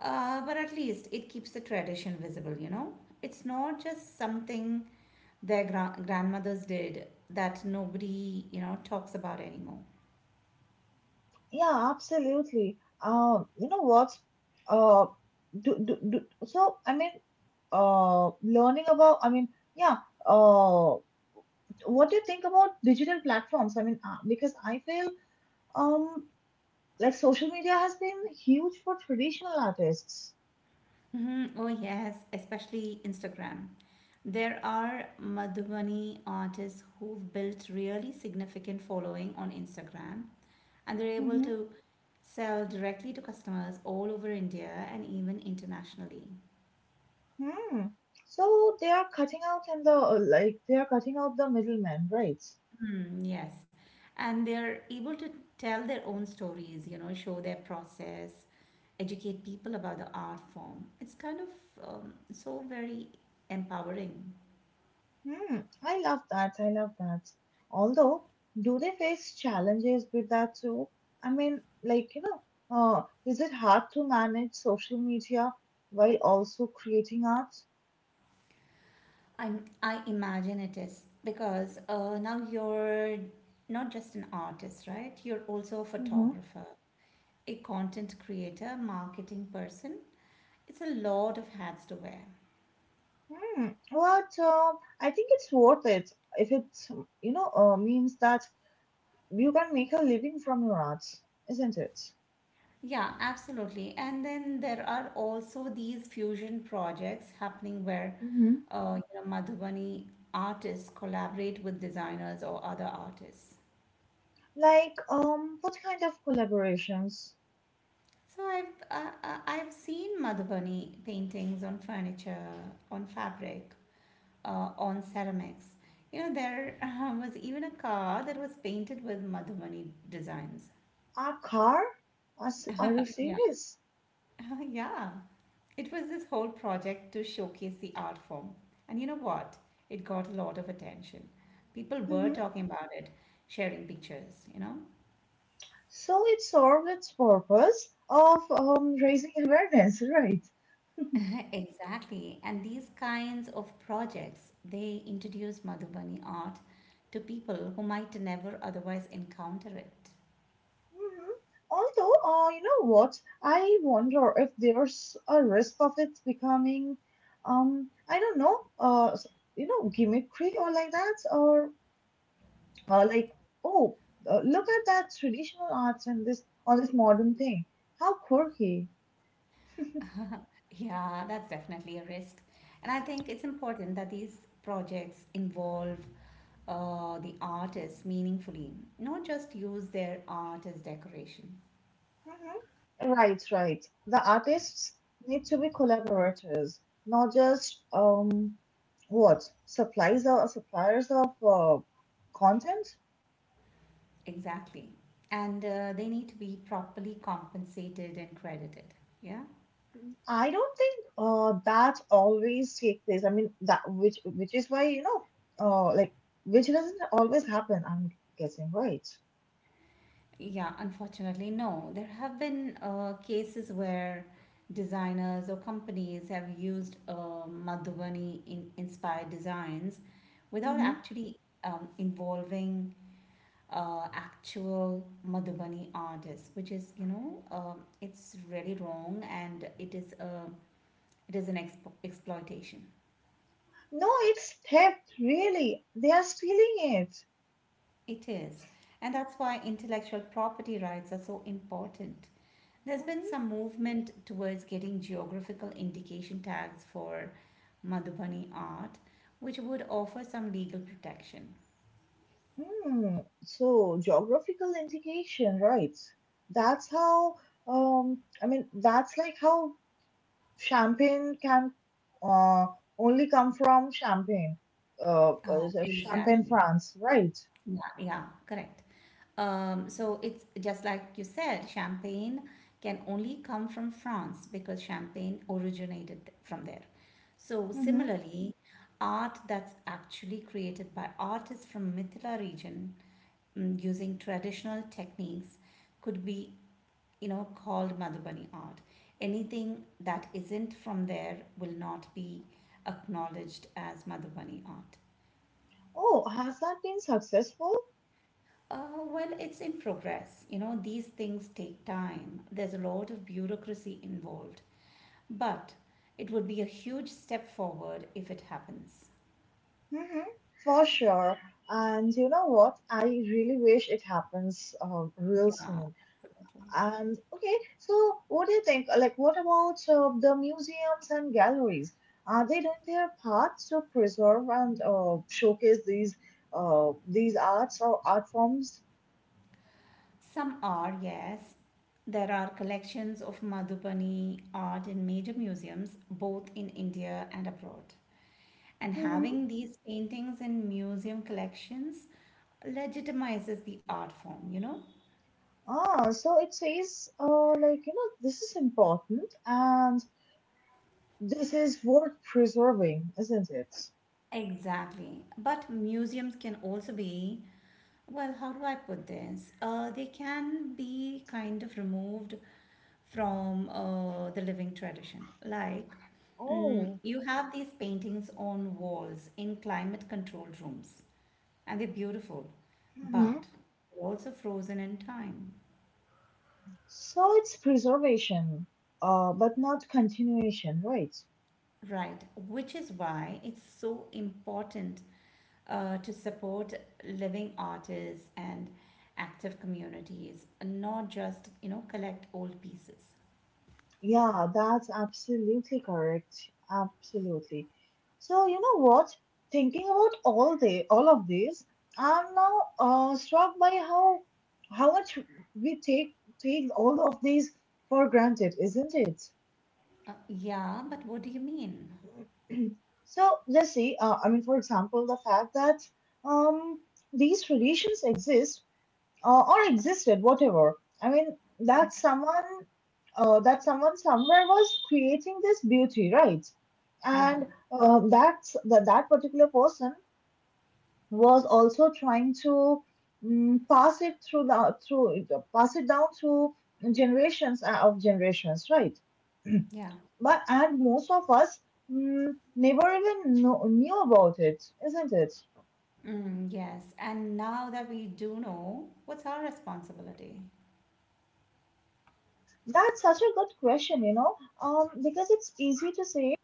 Speaker 2: But at least it keeps the tradition visible, you know? It's not just something their grandmothers did that nobody, you know, talks about anymore.
Speaker 1: Yeah, absolutely. You know what? Uh, do, do, do, I mean, learning about, I mean, yeah, uh, what do you think about digital platforms? I mean, because I feel um, like social media has been huge for traditional artists.
Speaker 2: Mhm. Oh, yes, especially Instagram. There are Madhubani artists who've built really significant following on Instagram and they're able
Speaker 1: Mm-hmm.
Speaker 2: to sell directly to customers all over India and even internationally.
Speaker 1: Hmm. So they are cutting out and the like they are cutting out the middleman, right?
Speaker 2: Hmm, yes. And they're able to tell their own stories, you know, show their process, educate people about the art form. It's kind of so very empowering.
Speaker 1: Hmm. I love that. I love that. Although, do they face challenges with that too? I mean, like you know, is it hard to manage social media while also creating art?
Speaker 2: I imagine it is because now you're not just an artist, right? You're also a
Speaker 1: Mm-hmm.
Speaker 2: photographer, a content creator, marketing person. It's a lot of hats to wear.
Speaker 1: Hmm. But I think it's worth it if it you know means that you can make a living from your arts, isn't it?
Speaker 2: Yeah, absolutely. And then there are also these fusion projects happening where
Speaker 1: Mhm.
Speaker 2: you know, Madhubani artists collaborate with designers or other artists.
Speaker 1: Like, what kind of collaborations?
Speaker 2: So I've seen Madhubani paintings on furniture, on fabric, on ceramics. You know, there was even a car that was painted with Madhumani designs.
Speaker 1: A car? Are are you
Speaker 2: Yeah.
Speaker 1: serious?
Speaker 2: Yeah. It was this whole project to showcase the art form. And you know what? It got a lot of attention. People were
Speaker 1: Hmm.
Speaker 2: talking about it, sharing pictures, you know?
Speaker 1: So it served its purpose of raising awareness, right?
Speaker 2: Exactly. And these kinds of projects, they introduce Madhubani art to people who might never otherwise encounter it.
Speaker 1: Mhm. Although, you know what? I wonder if there's a risk of it becoming, I don't know, you know, gimmickry or like that, or like, oh, look at that traditional arts and this or this modern thing. How quirky.
Speaker 2: Yeah, that's definitely a risk. And I think it's important that these projects involve the artists meaningfully, not just use their art as decoration.
Speaker 1: Mhm. Right, right. The artists need to be collaborators, not just what supplies or suppliers of content.
Speaker 2: Exactly. And they need to be properly compensated and credited. Yeah.
Speaker 1: I don't think that always take place. I mean that which is why you know like which doesn't always happen. I'm guessing right.
Speaker 2: Yeah, unfortunately, no. There have been cases where designers or companies have used Madhubani in inspired designs without
Speaker 1: Mm-hmm.
Speaker 2: actually involving actual Madhubani artists, which is you know it's really wrong and it is an exploitation.
Speaker 1: No, it's theft. Really, they are stealing it.
Speaker 2: It is, and that's why intellectual property rights are so important. There's been
Speaker 1: Mm-hmm.
Speaker 2: some movement towards getting geographical indication tags for Madhubani art, which would offer some legal protection.
Speaker 1: Hmm. So geographical indication, right? That's how I mean that's like how champagne can uh only come from Champagne, Champagne,
Speaker 2: Exactly.
Speaker 1: France, right?
Speaker 2: Yeah, yeah, correct. So it's just like you said, champagne can only come from France because champagne originated from there. So
Speaker 1: Mm-hmm.
Speaker 2: similarly, art that's actually created by artists from Mithila region mm, using traditional techniques could be, you know, called Madhubani art. Anything that isn't from there will not be acknowledged as Madhubani art.
Speaker 1: Oh, has that been successful?
Speaker 2: Uh, well, it's in progress. You know, these things take time. There's a lot of bureaucracy involved. But it would be a huge step forward if it happens.
Speaker 1: Mm-hmm. For sure. And you know what? I really wish it happens real
Speaker 2: Yeah,
Speaker 1: soon.
Speaker 2: absolutely.
Speaker 1: And okay, so what do you think? Like, what about the museums and galleries? Are they doing their part to preserve and showcase these arts or art forms?
Speaker 2: Some are, yes. There are collections of Madhubani art in major museums, both in India and abroad. And
Speaker 1: Hmm.
Speaker 2: having these paintings in museum collections legitimizes the art form, you know?
Speaker 1: Ah, so it says, like, you know, this is important and this is worth preserving, isn't it?
Speaker 2: Exactly. But museums can also be, well, how do I put this? They can be kind of removed from the living tradition. Like, mm,
Speaker 1: Oh,
Speaker 2: you have these paintings on walls in climate controlled rooms, and they're beautiful,
Speaker 1: hmm
Speaker 2: but they're also frozen in time,
Speaker 1: so it's preservation, but not continuation, right?
Speaker 2: right? Which is why it's so important to support living artists and active communities, not just, you know, collect old pieces.
Speaker 1: Yeah, that's absolutely correct. Absolutely. So you know what? Thinking about all of this, I'm now struck by how much we take all of these for granted, isn't it?
Speaker 2: Yeah, but what do you mean?
Speaker 1: So let's see. I mean, for example, the fact that um, these traditions exist or existed, whatever. I mean, that someone somewhere was creating this beauty, right?
Speaker 2: Yeah,
Speaker 1: And that's that particular person was also trying to mm pass it through the through pass it down through generations of generations, right?
Speaker 2: yeah.
Speaker 1: But and most of us mm, never even knew about it, isn't it?
Speaker 2: Mm, yes, and now that we do know, what's our responsibility?
Speaker 1: That's such a good question, you know, because it's easy to say,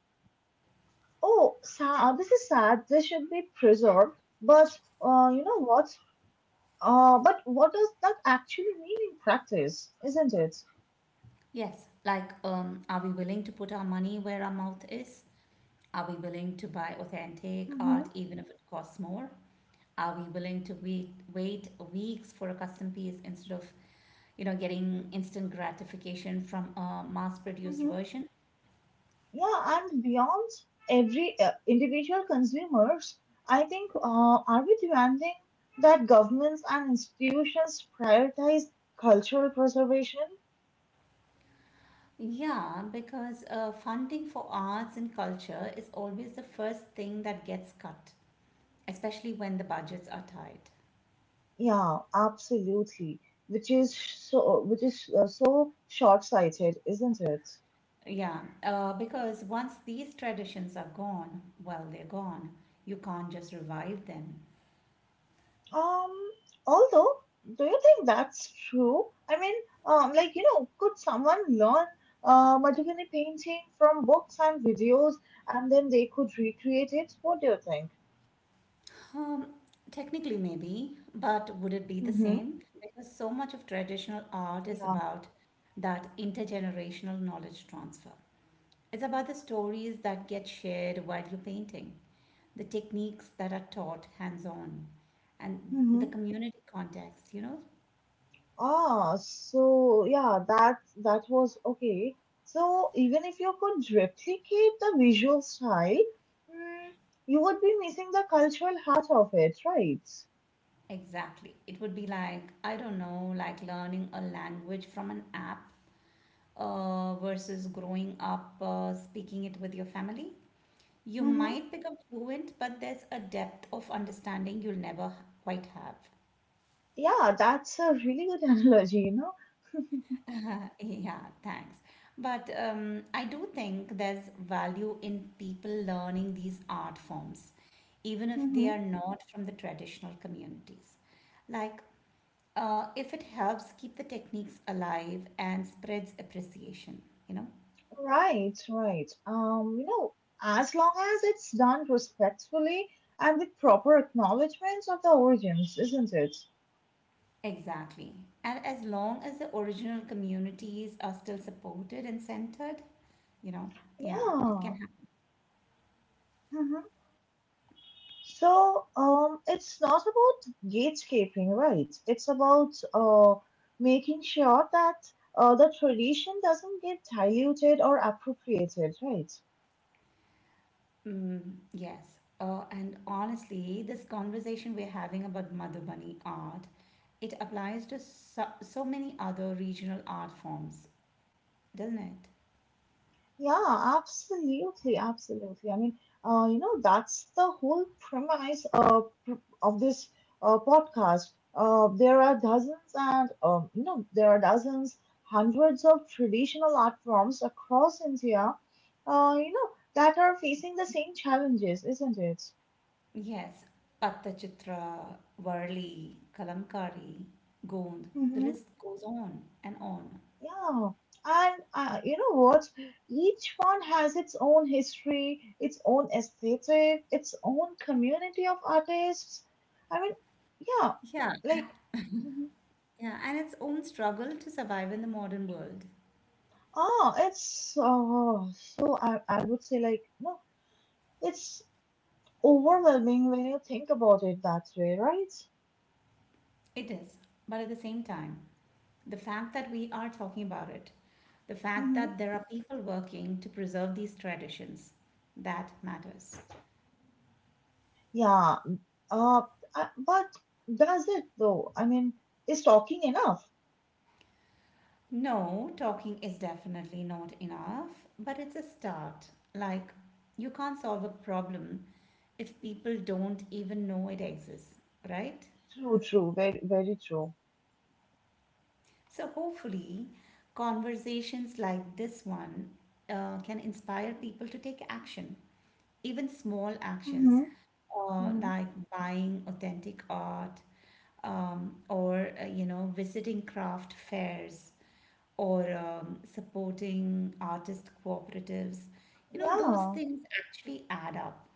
Speaker 1: oh, sad, this is sad, this should be preserved. But you know what? But what does that actually mean in practice, isn't it?
Speaker 2: Yes, like, are we willing to put our money where our mouth is? Are we willing to buy authentic
Speaker 1: Hmm
Speaker 2: art even if it costs more? Are we willing to wait weeks for a custom piece instead of getting instant gratification from a mass produced
Speaker 1: hmm.
Speaker 2: version.
Speaker 1: Yeah, and beyond every individual consumers, I think are we demanding that governments and institutions prioritize cultural preservation?
Speaker 2: Yeah, because funding for arts and culture is always the first thing that gets cut, especially when the budgets are tight.
Speaker 1: Yeah, absolutely. Which is so short-sighted, isn't it?
Speaker 2: Yeah, because once these traditions are gone, well, they're gone. You can't just revive them.
Speaker 1: Um, although, do you think that's true? I mean, like, you know, could someone learn Madhubani painting from books and videos and then they could recreate it? What do you think?
Speaker 2: Um, Technically, maybe, but would it be the
Speaker 1: Mm-hmm.
Speaker 2: same? Because so much of traditional art is
Speaker 1: Yeah.
Speaker 2: about that intergenerational knowledge transfer. It's about the stories that get shared while you're painting, the techniques that are taught hands on, and the
Speaker 1: Mm-hmm.
Speaker 2: community context, you know?
Speaker 1: Ah, so yeah, that was okay. So even if you could replicate the visual style, mm, you would be missing the cultural heart of it, right?
Speaker 2: Exactly. It would be like, I don't know, like learning a language from an app versus growing up speaking it with your family. You
Speaker 1: Mm-hmm.
Speaker 2: might become fluent, but there's a depth of understanding you'll never quite have.
Speaker 1: Yeah, that's a really good analogy, you know.
Speaker 2: Yeah, thanks. But I do think there's value in people learning these art forms, even if they are
Speaker 1: Mm-hmm.
Speaker 2: not from the traditional communities. Like, if it helps keep the techniques alive and spreads appreciation, you know?
Speaker 1: Right, right. You know, as long as it's done respectfully and with proper acknowledgements of the origins, isn't it?
Speaker 2: Exactly. And as long as the original communities are still supported and centered, you know, yeah, it can.
Speaker 1: Yeah. Hmm. So, it's not about gatekeeping, right? It's about making sure that the tradition doesn't get diluted or appropriated, right?
Speaker 2: Mm, yes. And honestly, this conversation we're having about Madhubani art, it applies to so, so many other regional art forms, doesn't it?
Speaker 1: Yeah, absolutely, absolutely. I mean, you know, that's the whole premise of this podcast. There are dozens and you know, there are dozens, hundreds of traditional art forms across India, you know, that are facing the same challenges, isn't it?
Speaker 2: Yes. Pattachitra, Varli, Kalamkari, Gond. The
Speaker 1: Mm-hmm.
Speaker 2: list goes on and on.
Speaker 1: Yeah, and you know what? Each one has its own history, its own aesthetic, its own community of artists. I mean, yeah,
Speaker 2: Yeah,
Speaker 1: like, mhm.
Speaker 2: yeah, and its own struggle to survive in the modern world.
Speaker 1: ah, it's oh, so I would say, like, no, it's overwhelming when you think about it that way, right?
Speaker 2: It is, but at the same time, the fact that we are talking about it, the fact
Speaker 1: Mm-hmm.
Speaker 2: that there are people working to preserve these traditions, that matters.
Speaker 1: Yeah, uh, but does it though? I mean, is talking enough?
Speaker 2: No, talking is definitely not enough, but it's a start. Like, you can't solve a problem if people don't even know it exists, right?
Speaker 1: True, true, very, very true.
Speaker 2: So, hopefully, conversations like this one can inspire people to take action, even small
Speaker 1: Mm-hmm.
Speaker 2: actions like buying authentic art or, you know, visiting craft fairs or supporting artist cooperatives. You know, those
Speaker 1: Yeah,
Speaker 2: things actually add up.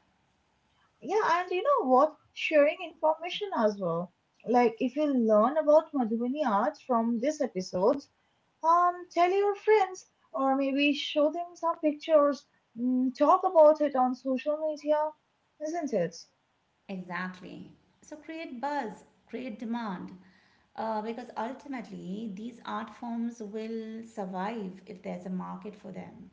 Speaker 1: yeah, and you know what? Sharing information as well. Like if you learn about Madhubani art from this episode, tell your friends or maybe show them some pictures. Mm, talk about it on social media, isn't it?
Speaker 2: Exactly. So create buzz, create demand, because ultimately these art forms will survive if there's a market for them.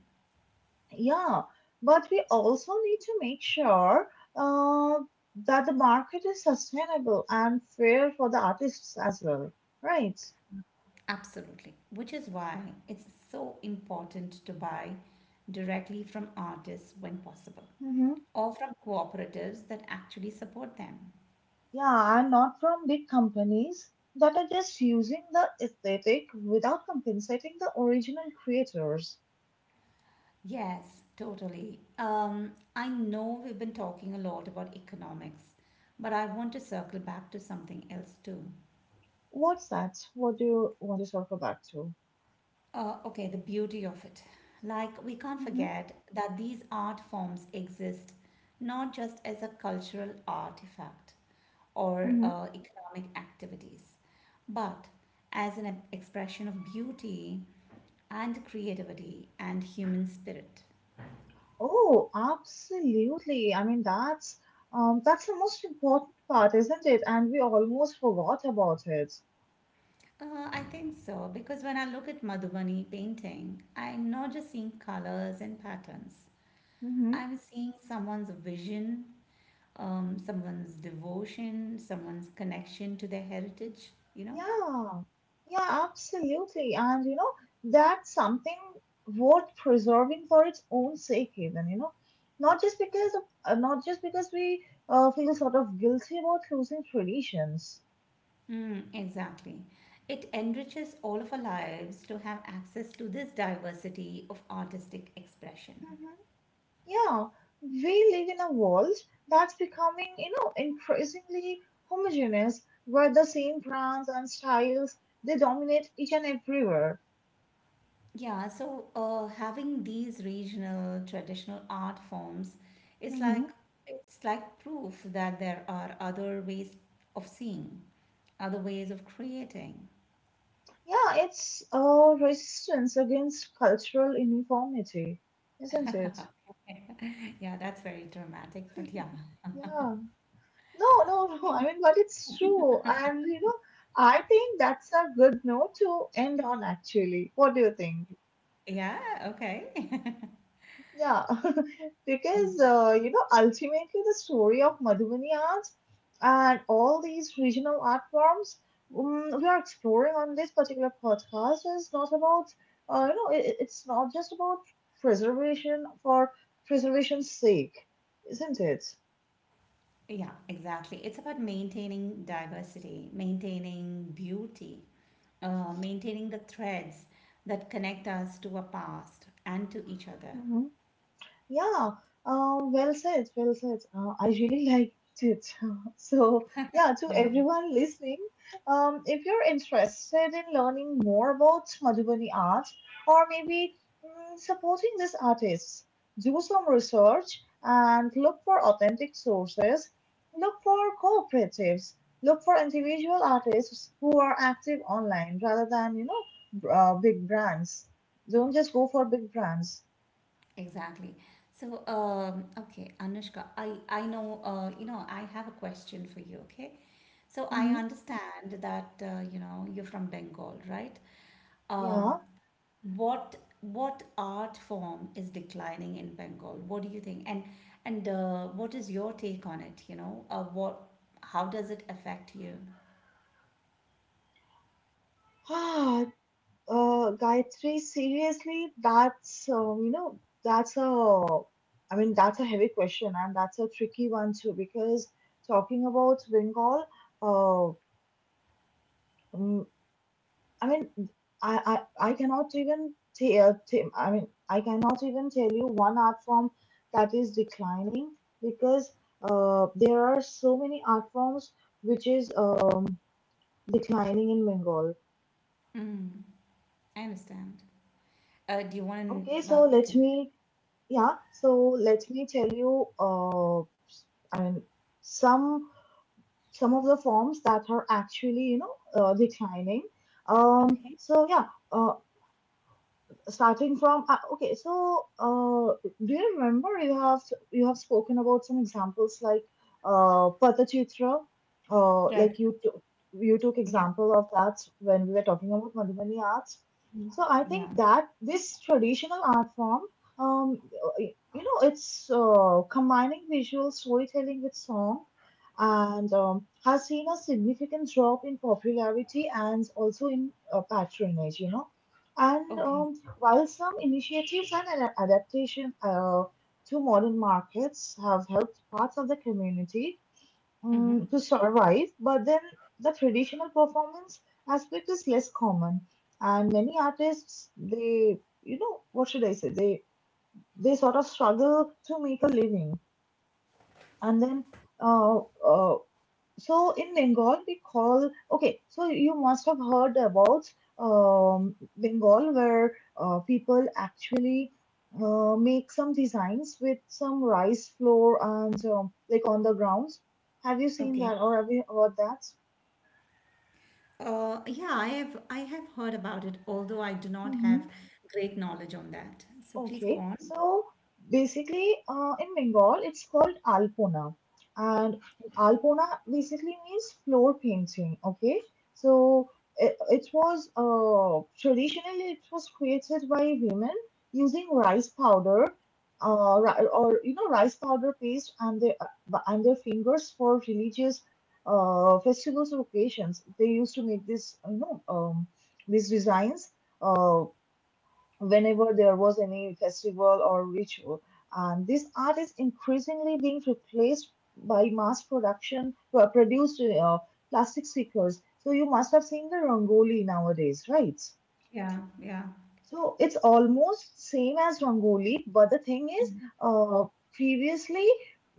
Speaker 1: Yeah, but we also need to make sure uh, that the market is sustainable and fair for the artists as well, right?
Speaker 2: Absolutely. Which is why it's so important to buy directly from artists when possible
Speaker 1: Mm-hmm.
Speaker 2: or from cooperatives that actually support them.
Speaker 1: Yeah, I'm not from big companies that are just using the aesthetic without compensating the original creators.
Speaker 2: Yes, totally. I know we've been talking a lot about economics, but I want to circle back to something else too.
Speaker 1: What's that? What do you want to circle back to?
Speaker 2: Okay, the beauty of it. Like, we can't
Speaker 1: Hmm.
Speaker 2: forget that these art forms exist not just as a cultural artifact or
Speaker 1: Hmm.
Speaker 2: economic activities, but as an expression of beauty and creativity and human spirit.
Speaker 1: Oh, absolutely. I mean, that's the most important part, isn't it? And we almost forgot about it.
Speaker 2: I think so, because when I look at Madhubani painting, I'm not just seeing colors and patterns. I'm seeing someone's vision, someone's devotion, someone's connection to their heritage, you know?
Speaker 1: Yeah, yeah, absolutely. And you know, that's something worth preserving for its own sake, even, you know, not just not just because we feel sort of guilty about losing traditions.
Speaker 2: Mm, exactly. It enriches all of our lives to have access to this diversity of artistic expression.
Speaker 1: Mhm. Yeah, we live in a world that's becoming, you know, increasingly homogeneous, where the same brands and styles they dominate each and everywhere.
Speaker 2: Yeah, so having these regional traditional art forms is like it's like proof that there are other ways of seeing, other ways of creating.
Speaker 1: Yeah, it's a resistance against cultural uniformity, isn't it?
Speaker 2: Yeah, that's very dramatic, but yeah.
Speaker 1: Yeah. No, no, no. I mean, but it's true. And, you know, I think that's a good note to end on, actually. What do you think?
Speaker 2: Yeah, okay.
Speaker 1: Yeah, because you know, ultimately the story of Madhubani art and all these regional art forms we are exploring on this particular podcast is not about, you know, it's not just about preservation for preservation's sake, isn't it?
Speaker 2: Yeah, exactly. It's about maintaining diversity, maintaining beauty, maintaining the threads that connect us to our past and to each other.
Speaker 1: Mm-hmm. Yeah, well said, well said. I really liked it. So, yeah, to
Speaker 2: Yeah,
Speaker 1: everyone listening, if you're interested in learning more about Madhubani art or maybe supporting these artists, do some research and look for authentic sources, look for cooperatives, look for individual artists who are active online rather than, you know, big brands. Don't just go for big brands.
Speaker 2: exactly. So, okay, Anushka, I know, you know, I have a question for you, okay? So I
Speaker 1: Hmm.
Speaker 2: understand that, you know, you're from Bengal, right?
Speaker 1: Yeah.
Speaker 2: Um, What what art form is declining in Bengal? What do you think? And what is your take on it? You know, what how does it affect you?
Speaker 1: Ah, Gayatri, seriously, that's you know that's a, I mean that's a heavy question, and that's a tricky one too because talking about Bengal, uh, mm, I mean I I, I cannot even tell, tell I mean I cannot even tell you one art form that is declining because there are so many art forms which is declining in Bengal.
Speaker 2: Mm, I understand. Do you want
Speaker 1: Okay,
Speaker 2: to?
Speaker 1: so
Speaker 2: Okay.
Speaker 1: yeah, so let me tell you, I mean, some some of the forms that are actually, you know, declining.
Speaker 2: Okay.
Speaker 1: So yeah, uh, starting from okay so do you remember you have spoken about some examples like patachitra,
Speaker 2: Right.
Speaker 1: like you took
Speaker 2: Yeah.
Speaker 1: example of that when we were talking about madhubani arts.
Speaker 2: Mhm.
Speaker 1: So I
Speaker 2: Yeah.
Speaker 1: think that this traditional art form, um, you know it's combining visual storytelling with song, and has seen a significant drop in popularity and also in patronage, you know. And
Speaker 2: Okay.
Speaker 1: while some initiatives and adaptation to modern markets have helped parts of the community
Speaker 2: Mm-hmm.
Speaker 1: to survive, but then the traditional performance aspect is less common. And many artists, they, you know, what should I say? They sort of struggle to make a living, and then uh, uh, so in Bengal, we call okay. So you must have heard about Bengal, where people actually make some designs with some rice flour and like on the grounds. Have you seen
Speaker 2: Okay.
Speaker 1: that or have you heard that?
Speaker 2: Yeah, I have heard about it, although I do not
Speaker 1: Mm-hmm.
Speaker 2: have great knowledge on that. So please go
Speaker 1: Okay,
Speaker 2: on.
Speaker 1: so basically, in Bengal, it's called Alpona, and Alpona basically means floor painting. Okay, so it was traditionally it was created by women using rice powder, or you know rice powder paste and their fingers for religious festivals or occasions. They used to make this you know these designs. Uh, Whenever there was any festival or ritual. And this art is increasingly being replaced by mass produced plastic stickers. So you must have seen the rangoli nowadays, right?
Speaker 2: Yeah. Yeah.
Speaker 1: So it's almost same as Rangoli, but the thing is, uh, previously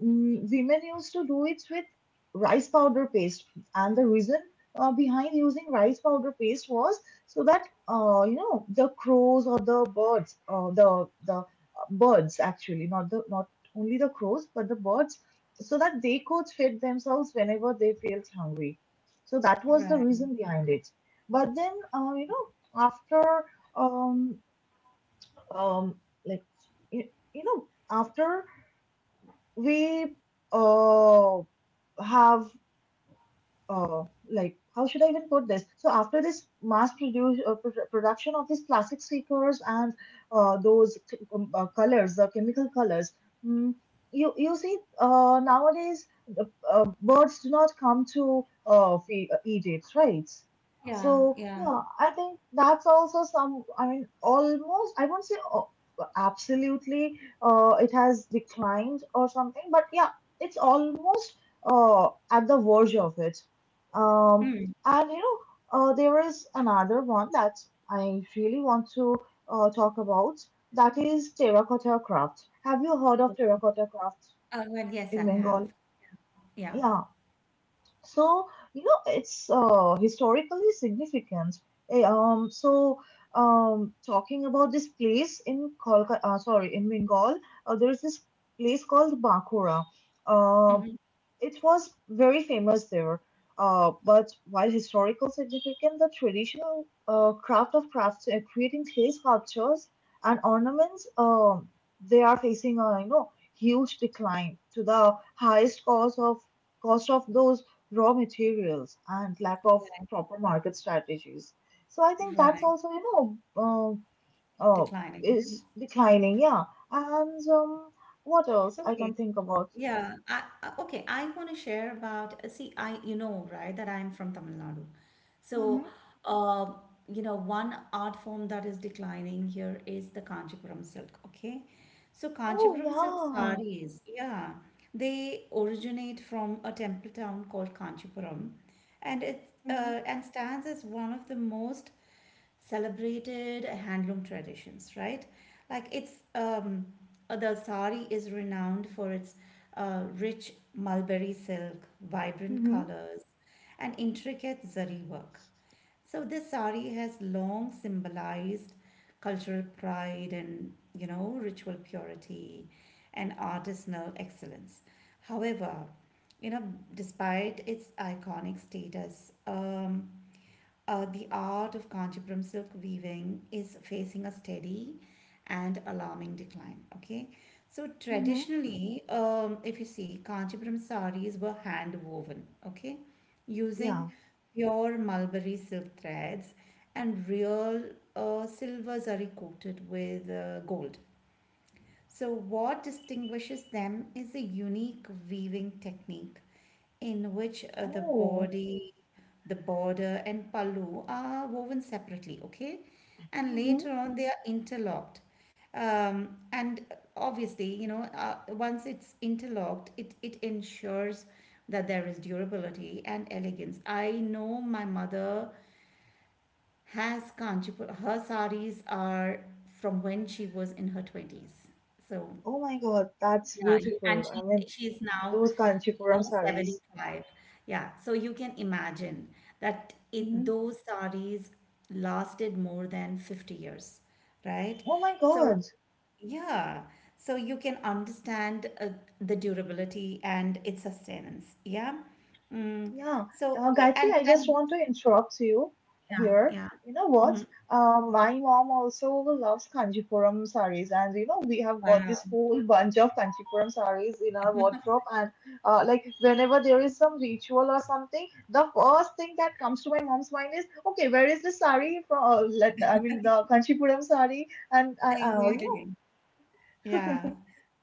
Speaker 1: women used to do it with rice powder paste, and the reason behind using rice powder paste was so that you know the crows or the birds actually, not the not only the crows but the birds, so that they could feed themselves whenever they felt hungry. So that was the
Speaker 2: Right.
Speaker 1: reason behind it. But then you know after um um like you, you know after we uh have uh, like how should I even put this? So after this mass production of these plastic stickers and colors, the chemical colors, mm, you you see nowadays the, birds do not come to eat it, right?
Speaker 2: Yeah.
Speaker 1: So
Speaker 2: Yeah.
Speaker 1: yeah, I think that's also some. I mean, almost I won't say absolutely it has declined or something, but yeah, it's almost at the verge of it. Um,
Speaker 2: Mm.
Speaker 1: and you know, there is another one that I really want to talk about. That is terracotta craft. Have you heard of terracotta craft
Speaker 2: Oh, well, yes, I
Speaker 1: in
Speaker 2: have.
Speaker 1: Bengal?
Speaker 2: Yeah.
Speaker 1: Yeah. So you know, it's historically significant. So talking about this place in Kolkata, sorry, in Bengal, there is this place called Bakura. Um
Speaker 2: Hmm.
Speaker 1: it was very famous there, but while historical significant, the traditional crafts, creating clay sculptures and ornaments, they are facing a you know huge decline to the highest cost of those raw materials and lack of
Speaker 2: Right.
Speaker 1: proper market strategies. So I think that's
Speaker 2: Right.
Speaker 1: also you know uh, uh,
Speaker 2: Declining, yeah.
Speaker 1: is declining, yeah. And What else I can
Speaker 2: Okay.
Speaker 1: think about?
Speaker 2: Yeah. Okay. I want to share about, see, I, you know, right, that I'm from Tamil Nadu.
Speaker 1: Mm-hmm.
Speaker 2: So, um, you know, one art form that is declining here is the Kanchipuram silk. Okay. So,
Speaker 1: Oh,
Speaker 2: Kanchipuram silk
Speaker 1: yeah.
Speaker 2: sarees, yeah, they originate from a temple town called Kanchipuram, and it
Speaker 1: Mhm.
Speaker 2: and stands as one of the most celebrated handloom traditions, right? Like it's the sari is renowned for its rich mulberry silk, vibrant
Speaker 1: Mhm.
Speaker 2: colors, and intricate zari work. So this sari has long symbolized cultural pride and you know ritual purity and artisanal excellence. However, you know, despite its iconic status, the art of Kanchipuram silk weaving is facing a steady and alarming decline. Okay, so
Speaker 1: Mhm.
Speaker 2: traditionally, if you see, Kanchipuram saris were hand woven. Okay,
Speaker 1: Yeah.
Speaker 2: using pure mulberry silk threads and real silver zari coated with gold. So, what distinguishes them is a unique weaving technique in which the
Speaker 1: Oh.
Speaker 2: body, the border, and pallu are woven separately, okay? And
Speaker 1: Mhm.
Speaker 2: later on, they are interlocked. And obviously, you know, once it's interlocked, it ensures that there is durability and elegance. I know my mother has Kanchipur, her saris are from when she was in her 20s. So,
Speaker 1: Oh my God, that's
Speaker 2: yeah, you, and
Speaker 1: beautiful. I
Speaker 2: she's
Speaker 1: mean,
Speaker 2: now,
Speaker 1: those
Speaker 2: you
Speaker 1: kanchipuram
Speaker 2: know,
Speaker 1: sarees.
Speaker 2: 75. Yeah, so you can imagine that it
Speaker 1: Mhm.
Speaker 2: those saris lasted more than 50 years, right?
Speaker 1: Oh my
Speaker 2: So,
Speaker 1: God.
Speaker 2: yeah, so you can understand the durability and its sustenance. Yeah. Mm.
Speaker 1: Yeah,
Speaker 2: So,
Speaker 1: Gayatri, I just want
Speaker 2: and
Speaker 1: to interrupt you
Speaker 2: yeah,
Speaker 1: here.
Speaker 2: yeah.
Speaker 1: You know what?
Speaker 2: Mhm.
Speaker 1: My mom also loves Kanjipuram sarees, and you know we have got this
Speaker 2: Wow.
Speaker 1: whole bunch of Kanjipuram sarees in our wardrobe. And like whenever there is some ritual or something, the first thing that comes to my mom's mind is, okay, where is the saree from? Let I mean the Kanchipuram saree, and you know
Speaker 2: Exactly. Yeah.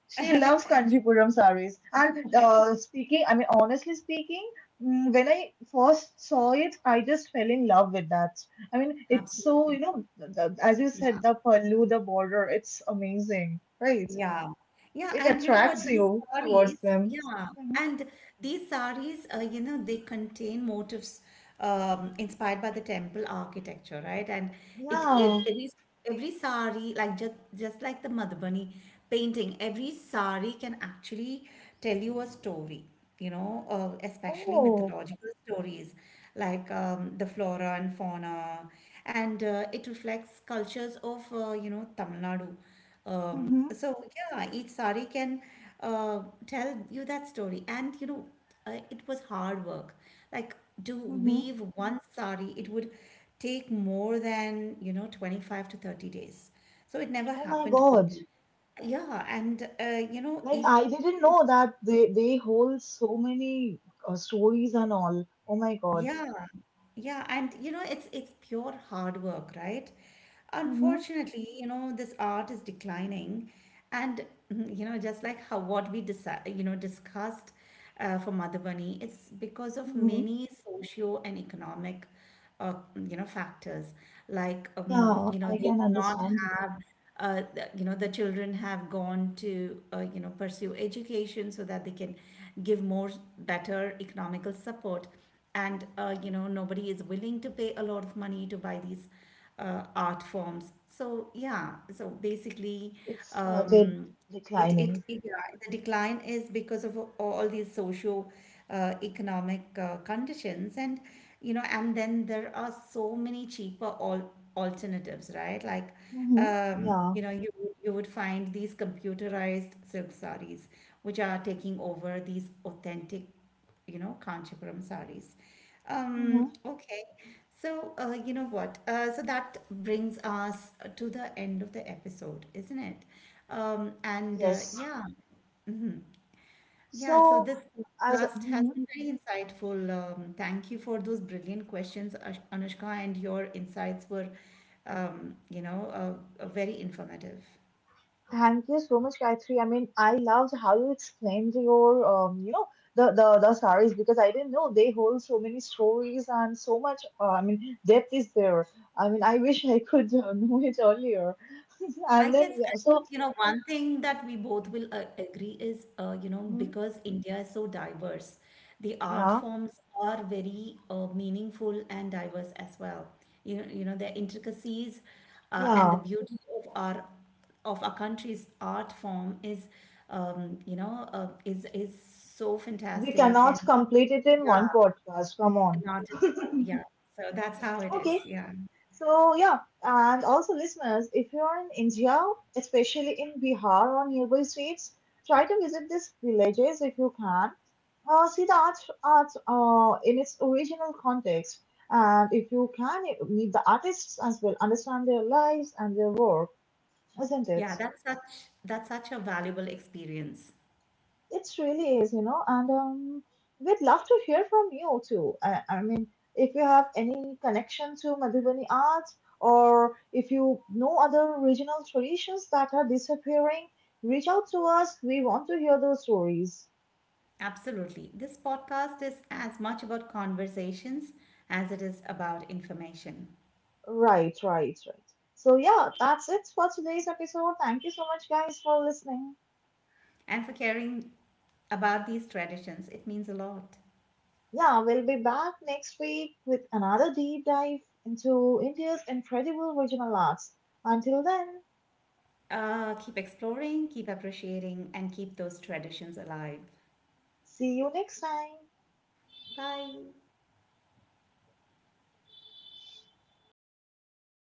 Speaker 1: she loves Kanchipuram sarees. And speaking, I mean, honestly speaking, when I first saw it, I just fell in love with that. I mean, it's so,
Speaker 2: Absolutely.
Speaker 1: you know, as you said,
Speaker 2: Yeah.
Speaker 1: the pallu, the border, it's amazing, right?
Speaker 2: Yeah. Yeah,
Speaker 1: It
Speaker 2: and you know what,
Speaker 1: attracts
Speaker 2: these
Speaker 1: you
Speaker 2: saris,
Speaker 1: towards them.
Speaker 2: yeah,
Speaker 1: Mhm.
Speaker 2: and these saris, you know, they contain motifs inspired by the temple architecture, right? And it, ev-
Speaker 1: Yeah.
Speaker 2: every every sari, like just like the Madhubani painting, every sari can actually tell you a story, you know, especially
Speaker 1: Oh.
Speaker 2: mythological stories like the flora and fauna, and it reflects cultures of you know Tamil Nadu,
Speaker 1: Mm-hmm.
Speaker 2: so yeah, each sari can tell you that story. And you know, it was hard work. Like to
Speaker 1: Mm-hmm.
Speaker 2: weave one sari, it would take more than, you know, 25 to 30 days. So it never
Speaker 1: Oh my
Speaker 2: happened
Speaker 1: God.
Speaker 2: quickly. Yeah, and you know,
Speaker 1: Like,
Speaker 2: e
Speaker 1: I didn't know that they hold so many stories and all. Oh my God.
Speaker 2: yeah, yeah, and you know, it's pure hard work, right?
Speaker 1: Mm-hmm.
Speaker 2: Unfortunately, you know, this art is declining, and you know, just like how what we you know discussed for Madhubani, it's because of
Speaker 1: Mm-hmm.
Speaker 2: many socio and economic, uh, you know, factors. Like,
Speaker 1: Yeah,
Speaker 2: you know,
Speaker 1: I
Speaker 2: they
Speaker 1: can
Speaker 2: do not
Speaker 1: understand.
Speaker 2: have, you know, the children have gone to, you know, pursue education so that they can give more better economical support and you know nobody is willing to pay a lot of money to buy these art forms. So yeah, so basically
Speaker 1: It started
Speaker 2: um, it, it,
Speaker 1: declining.
Speaker 2: it yeah, the decline is because of all these socio economic conditions and you know and then there are so many cheaper alternatives, right? Like
Speaker 1: Mm-hmm. Yeah.
Speaker 2: you know you you would find these computerized silk sarees which are taking over these authentic you know, Kanchipuram sarees.
Speaker 1: Hmm.
Speaker 2: Okay. So, you know what? So that brings us to the end of the episode, isn't it? And
Speaker 1: Yes.
Speaker 2: yeah, yeah. So
Speaker 1: So,
Speaker 2: this
Speaker 1: as
Speaker 2: podcast has
Speaker 1: mhm.
Speaker 2: been very insightful. Thank you for those brilliant questions, Anushka, and your insights were, you know, very informative.
Speaker 1: Thank you so much, Gayatri. I mean, I loved how you explained your, you know, the saris because I didn't know they hold so many stories and so much. I mean, depth is there. I mean, I wish I could know it earlier. And then yeah,
Speaker 2: I guess,
Speaker 1: so,
Speaker 2: you know, one thing that we both will agree is, you know,
Speaker 1: mhm,
Speaker 2: because India is so diverse, the art
Speaker 1: yeah,
Speaker 2: forms are very meaningful and diverse as well. You know, their intricacies and the
Speaker 1: yeah,
Speaker 2: beauty of our country's art form is, you know, is so
Speaker 1: we
Speaker 2: fantastic and
Speaker 1: cannot complete it in
Speaker 2: yeah,
Speaker 1: one podcast. Come on.
Speaker 2: not at all. Yeah, so that's how it
Speaker 1: Okay.
Speaker 2: is. Yeah,
Speaker 1: So yeah, and also listeners, if you are in India, especially in Bihar or nearby states, try to visit these villages if you can. See art in its original context, and if you can meet the artists as well, understand their lives and their work, isn't it?
Speaker 2: yeah, that's such a valuable experience.
Speaker 1: It really is, you know, and we'd love to hear from you too. I mean, if you have any connection to Madhubani art or if you know other regional traditions that are disappearing, reach out to us. We want to hear those stories.
Speaker 2: Absolutely. This podcast is as much about conversations as it is about information.
Speaker 1: Right, right, right. So, yeah, that's it for today's episode. Thank you so much, guys, for listening.
Speaker 2: And for caring about these traditions, it means a lot.
Speaker 1: Yeah, we'll be back next week with another deep dive into India's incredible regional arts. Until then,
Speaker 2: Keep exploring, keep appreciating, and keep those traditions alive.
Speaker 1: see you next time.
Speaker 2: Bye.